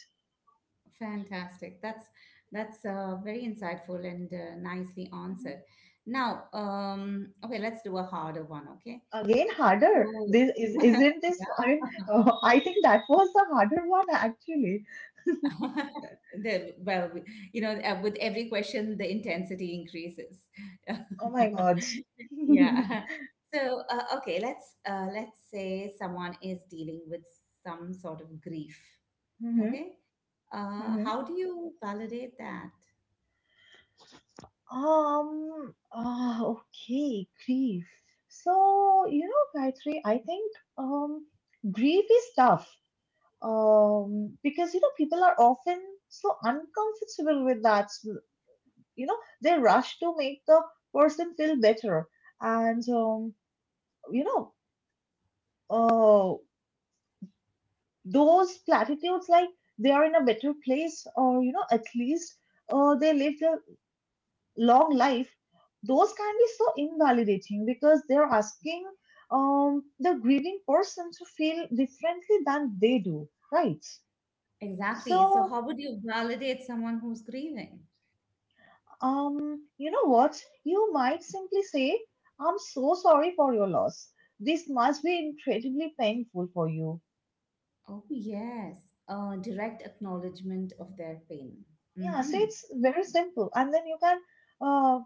A: fantastic. That's that's uh, very insightful and uh, nicely
B: Hmm,
A: answered. Now, um, okay, let's do a harder one, okay?
B: again harder,
A: So,
B: this is, isn't this, I mean, uh, I think that was the harder one actually.
A: The, well, we- you know, uh, with every question, the intensity increases.
B: Oh my god. Hmm.
A: Yeah. So, uh, okay, let's uh, let's say someone is dealing with some sort of grief. Okay. Uh,
B: Hmm.
A: how do you validate that?
B: Um, ah, okay, grief. So, you know, Gayatri, I think, um, grief is tough, um, because, you know, people are often so uncomfortable with that. So, you know, they rush to make the person feel better. And, um, you know, uh, those platitudes like, they are in a better place, or, you know, at least uh, they lived a long life, those can be so invalidating because they're asking um, the grieving person to feel differently than they do, right?
A: Exactly. So,
B: So,
A: how would you validate someone who's grieving?
B: um, you know what? You might simply say, I'm so sorry for your loss. This must be incredibly painful for you.
A: Oh, yes. Uh, direct acknowledgement of their pain.
B: Yeah, so
A: Mm-hmm.
B: it's very simple. And then you can, uh,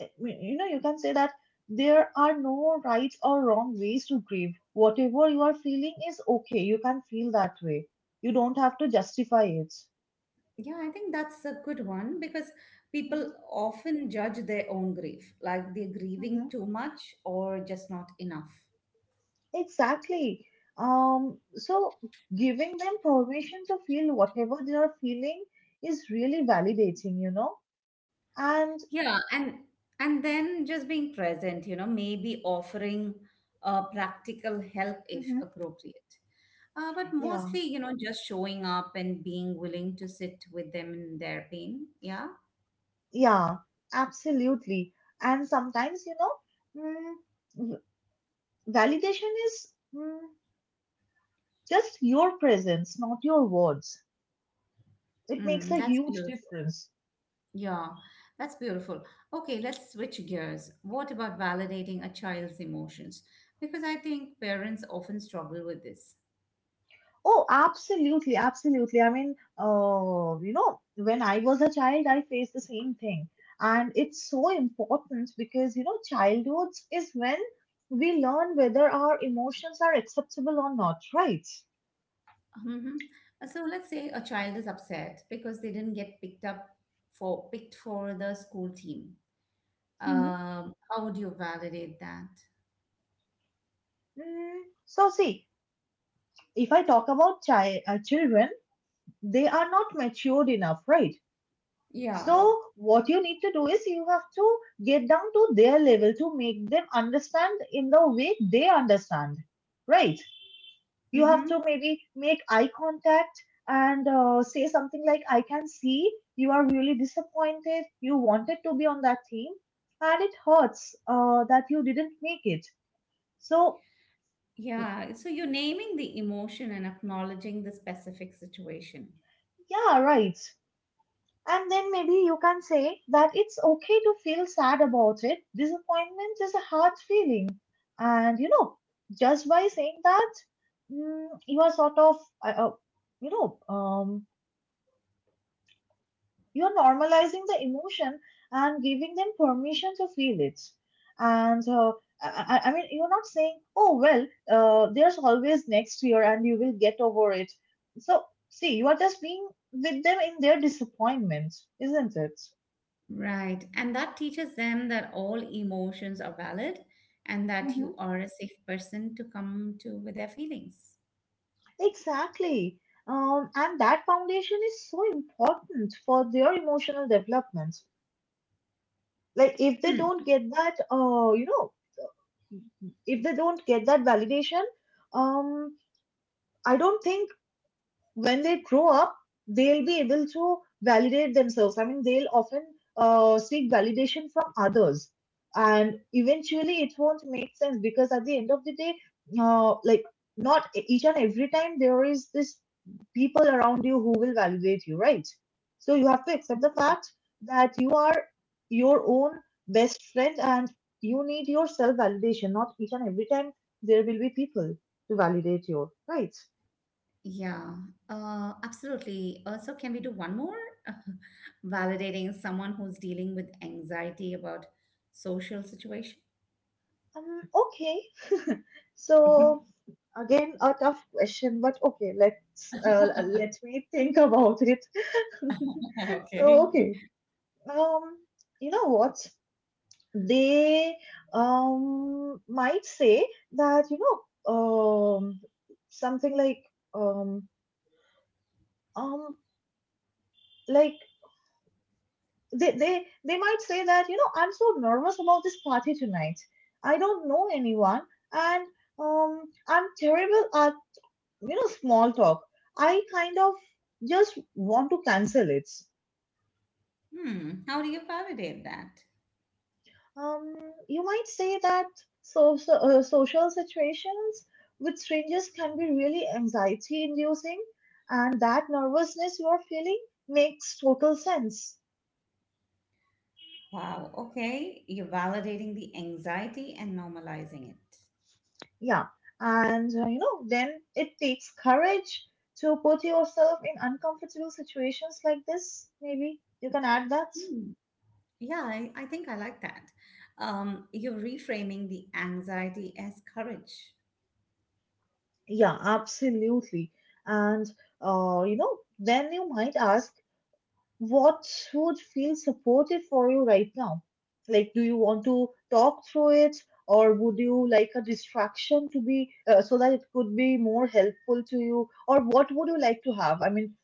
B: eh, you know, you can say that there are no right or wrong ways to grieve. Whatever you are feeling is okay. You can feel that way. You don't have to justify it.
A: Yeah, I think that's a good one because people
B: Mhm,
A: often judge their own grief, like they're grieving
B: mhm.
A: too much or just not enough.
B: Exactly. Um, so giving them permission to feel whatever they are feeling is really validating, you know? And,
A: Yeah, and and then just being present, you know, maybe offering uh, practical help if
B: mhm,
A: appropriate. Uh, but
B: yeah,
A: mostly, you know, just showing up and being willing to sit with them in their pain. Yeah,
B: yeah, absolutely. And sometimes, you know, mm, validation is, mm, just your presence, not your words. It makes
A: mm,
B: a
A: that's
B: huge
A: beautiful.
B: difference.
A: Yeah, that's beautiful. Okay, let's switch gears. What about validating a child's emotions? Because I think parents often struggle with this.
B: Oh, absolutely, absolutely. I mean, uh, you know, when I was a child, I faced the same thing. And it's so important because, you know, childhood is when we learn whether our emotions are acceptable or not, right?
A: Hmm. So let's say a child is upset because they didn't get picked up for picked for the school team.
B: Mhm.
A: Um, how would you validate that?
B: Mm, so, see, if I talk about chi- uh, children, they are not matured enough, right?
A: Yeah.
B: So, what you need to do is, you have to get down to their level to make them understand in the way they understand, right? You have
A: Mm-hmm.
B: to maybe make eye contact and uh, say something like, I can see you are really disappointed. You wanted to be on that team and it hurts uh, that you didn't make it. So,
A: Yeah. So you're naming the emotion and acknowledging the specific situation.
B: yeah, right. And then maybe you can say that it's okay to feel sad about it. Disappointment is a hard feeling. And you know, just by saying that, mm, you are sort of, uh, uh, you know, um, you are normalizing the emotion and giving them permission to feel it. And uh, I, I I mean, you're not saying, oh, well, uh, there's always next year and you will get over it. So, see, you are just being with them in their disappointment, isn't it?
A: Right. And that teaches them that all emotions are valid and that you are a safe person to come to with their feelings.
B: Exactly. Um, and that foundation is so important for their emotional development. Like if they
A: Hmm.
B: don't get that, uh, you know, if they don't get that validation, um, I don't think when they grow up, they'll be able to validate themselves. I mean, they'll often uh, seek validation from others. And eventually, it won't make sense because at the end of the day, uh, like, not e-, each and every time there is this people around you who will validate you, right? So you have to accept the fact that you are your own best friend and you need your self validation. Not each and every time there will be people to validate you, right?
A: Yeah, uh, absolutely. Also, can we do one more? Validating someone who's dealing with anxiety about social situation.
B: Um, okay. So again, a tough question, but okay, let's uh, let me think about it. So
A: Okay.
B: okay, um, you know what? They um might say that you know um something like um um like they they they might say that, you know, I'm so nervous about this party tonight. I don't know anyone and um I'm terrible, you know, small talk. I kind of just want to cancel it.
A: Hmm. How do you validate that?
B: Um, you might say that, so, so uh, social situations with strangers can be really anxiety-inducing, and that nervousness you are feeling makes total sense.
A: Wow. Okay. You're validating the anxiety and normalizing it.
B: Yeah, and uh, you know, then it takes courage to put yourself in uncomfortable situations like this. Maybe you can add that.
A: Hmm. Yeah, I, I think I like that. Um, you're reframing the anxiety as courage.
B: Yeah, absolutely. And, uh, you know, then you might ask, what would feel supportive for you right now? Like, do you want to talk through it, or would you like a distraction to be uh, so that it could be more helpful to you? Or what would you like to have? I mean,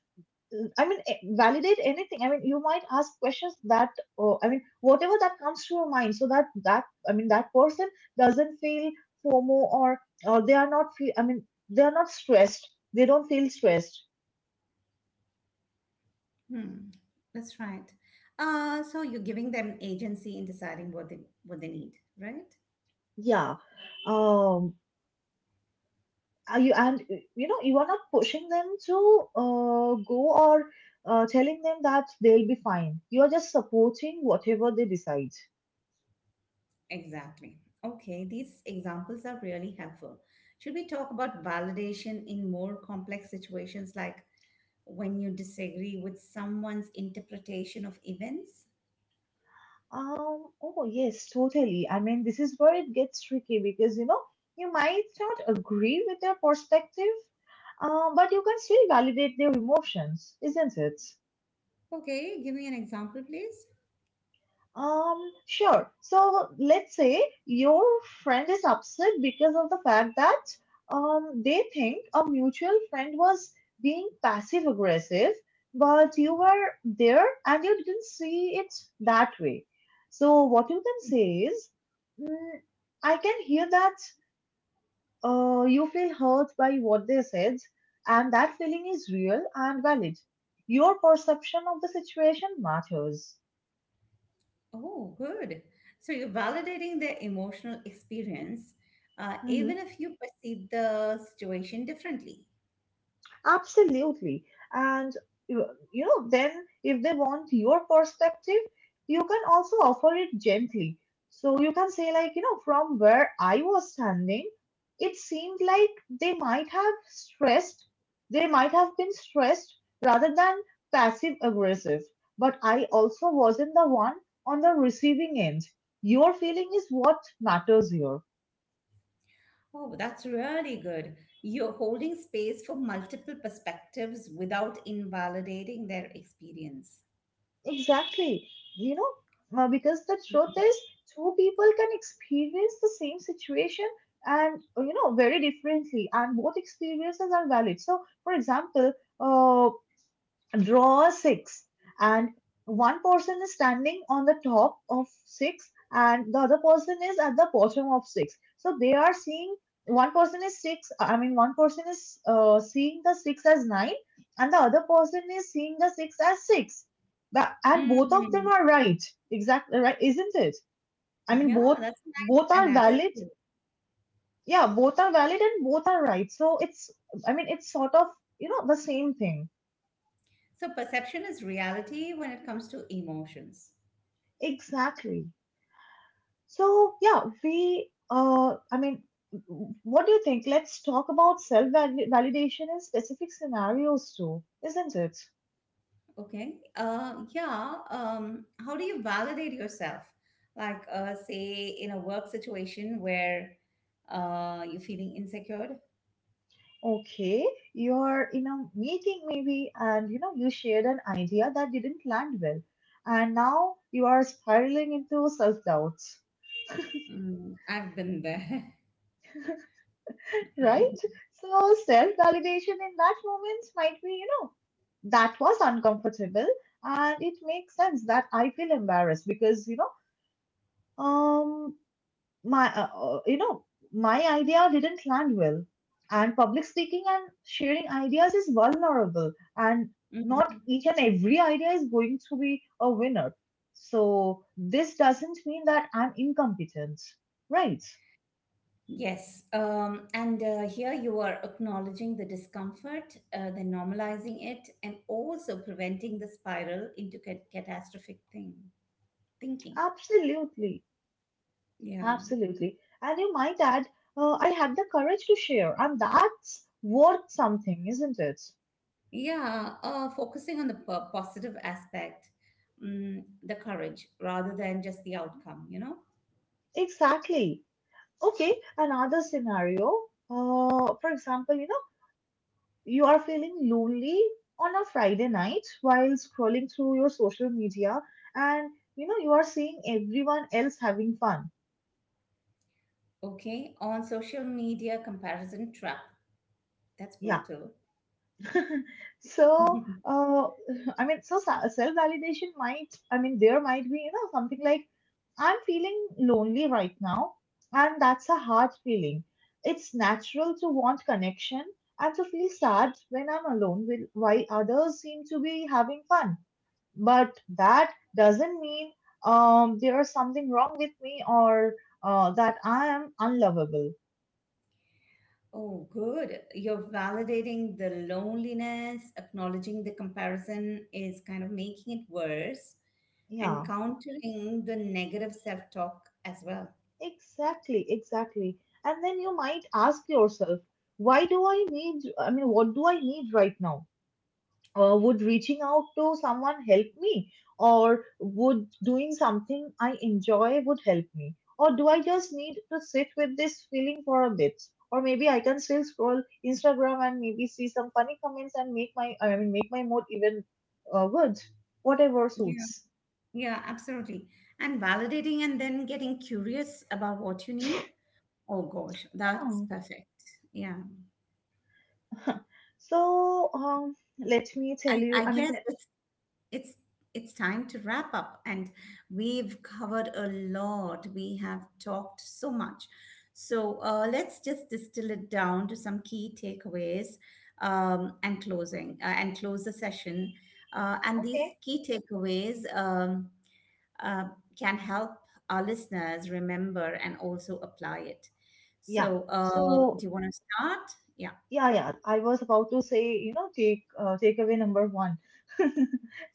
B: I mean, eh, validate anything. I mean, you might ask questions that, oh, I mean, whatever that comes to your mind, so that that I mean, that person doesn't feel FOMO or or they are not feel. I mean, they are not stressed. They don't feel stressed.
A: Hmm, that's right. Uh, so you're giving them agency in deciding what they what they need, right?
B: Yeah. Um. Are you, and uh, you know, you are not pushing them to uh, go, or uh, telling them that they'll be fine. You are just supporting whatever they decide.
A: Exactly. Okay, these examples are really helpful. Should we talk about validation in more complex situations like when you disagree with someone's interpretation of events?
B: Um, oh, yes, totally. I mean, this is where it gets tricky because, you know, you might not agree with their perspective, um, but you can still validate their emotions, isn't it?
A: Okay, give me an example, please.
B: Um, sure. So let's say your friend is upset because of the fact that, um, they think a mutual friend was being passive aggressive, but you were there and you didn't see it that way. So what you can say is, mm, I can hear that uh, you feel hurt by what they said, and that feeling is real and valid. Your perception of the situation matters.
A: Oh, good. So you're validating their emotional experience, uh, even if you perceive the situation differently.
B: Absolutely. And you you know, then if they want your perspective, you can also offer it gently. So you can say like, you know, from where I was standing, it seemed like they might have stressed, they might have been stressed rather than passive aggressive. But I also wasn't the one on the receiving end. Your feeling is what matters here.
A: Oh, that's really good. You're holding space for multiple perspectives without invalidating their experience.
B: Exactly. You know, uh, because the
A: Yeah.
B: truth is, two people can experience the same situation and, uh, you know, very differently, and both experiences are valid. So, for example, uh, draw a six, and one person is standing on the top of six and the other person is at the bottom of six, so they are seeing, one person is six i mean one person is uh, seeing the six as nine and the other person is seeing the six as six. Tha- and both of them
A: Mm,
B: are right, exactly, right, isn't it? I mean,
A: yeah,
B: both
A: that's a
B: both
A: nice
B: are valid.
A: analogy.
B: Yeah, both are valid and both are right, so it's, I mean, it's sort of, you know, the same thing.
A: So perception is reality when it comes to emotions.
B: Exactly. So, yeah, we, uh, I mean, what do you think? Let's talk about self validation in specific scenarios too, isn't it?
A: Okay. Uh, yeah. Um, how do you validate yourself? Like, uh, say, in a work situation where uh, you're feeling insecure.
B: Okay, you're in a meeting maybe, and, you know, you shared an idea that didn't land well, and now you are spiraling into self doubts,
A: Mm, I've been there.
B: right? So, self validation in that moment might be, you know, that was uncomfortable, and it makes sense that I feel embarrassed because, you know, um my uh, uh, you know, my idea didn't land well, and public speaking and sharing ideas is vulnerable, and not
A: Hmm.
B: each and every idea is going to be a winner, so this doesn't mean that I'm incompetent, right?
A: Yes, um, and uh, here you are acknowledging the discomfort, uh, then normalizing it, and also preventing the spiral into cat- catastrophic thing thinking.
B: Absolutely,
A: Yeah,
B: absolutely. And you might add, uh, I had the courage to share, and that's worth something, isn't it?
A: yeah, uh, focusing on the po- positive aspect, mm, the courage, rather than just the outcome. You know.
B: Exactly. Okay, another scenario. Uh, for example, you know, you are feeling lonely on a Friday night while scrolling through your social media, and you know, you are seeing everyone else having fun.
A: Okay, on social media comparison trap. That's
B: Yeah,
A: brutal.
B: So, uh, I mean, so self validation might, I mean, there might be, you know, something like, I'm feeling lonely right now, and that's a hard feeling. It's natural to want connection and to feel sad when I'm alone with while others seem to be having fun. But that doesn't mean um, there is something wrong with me, or uh, that I am unlovable.
A: Oh, good. You're validating the loneliness, acknowledging the comparison is kind of making it worse, and
B: Yeah.
A: countering the negative self talk as well.
B: Exactly, exactly. And then you might ask yourself, why do I need, I mean, what do I need right now? Uh, would reaching out to someone help me? Or would doing something I enjoy would help me? Or do I just need to sit with this feeling for a bit? Or maybe I can still scroll Instagram and maybe see some funny comments and make my, I mean, make my mood even uh, good. Whatever
A: Yeah,
B: suits.
A: yeah, absolutely. And validating and then getting curious about what you need. Oh, gosh, that's perfect. Yeah.
B: Yeah. So, um, let me
A: I,
B: tell you,
A: I
B: I mean,
A: guess it's it's it's time to wrap up and we've covered a lot, we have talked so much. So uh, let's just distill it down to some key takeaways, um, and closing uh, and close the session, uh, and these
B: okay.
A: key takeaways, um, uh, can help our listeners remember and also apply it.
B: Yeah.
A: So uh,
B: So
A: do you want to start? Yeah.
B: yeah, yeah. I was about to say, you know, take uh, takeaway number one.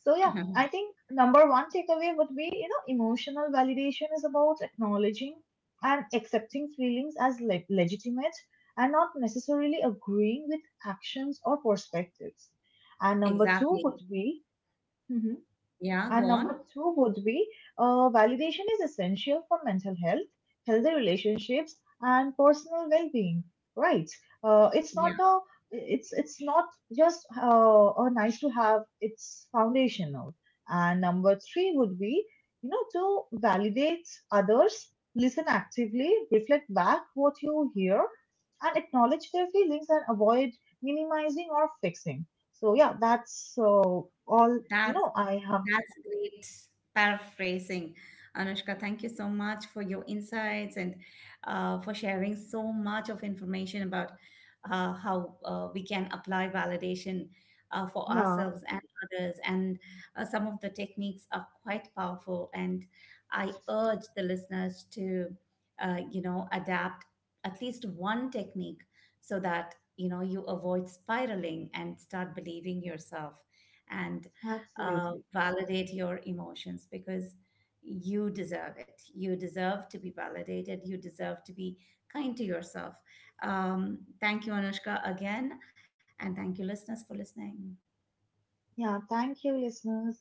B: So yeah, I think number one takeaway would be, you know, emotional validation is about acknowledging and accepting feelings as le legitimate, and not necessarily agreeing with actions or perspectives. And number two
A: Exactly.
B: would be,
A: Yeah, go
B: and
A: on.
B: number two would be, uh, validation is essential for mental health, healthy relationships, and personal well-being. Right? Uh, it's
A: yeah
B: not a it's it's not just uh, a nice to have. It's foundational. And number three would be, you know, to validate others, listen actively, reflect back what you hear, and acknowledge their feelings, and avoid minimizing or fixing. So yeah, that's uh, all, you
A: that
B: know, I have.
A: That's great paraphrasing, Anushka. Thank you so much for your insights and uh, for sharing so much of information about uh, how uh, we can apply validation uh, for
B: Yeah,
A: ourselves and others. And uh, some of the techniques are quite powerful. And I urge the listeners to, uh, you know, adapt at least one technique so that you know you avoid spiraling and start believing yourself and uh,
B: absolutely.
A: validate your emotions because you deserve it. You deserve to be validated. You deserve to be kind to yourself. Um, thank you, Anushka, again. And thank you, listeners, for listening.
B: Yeah, thank you, listeners.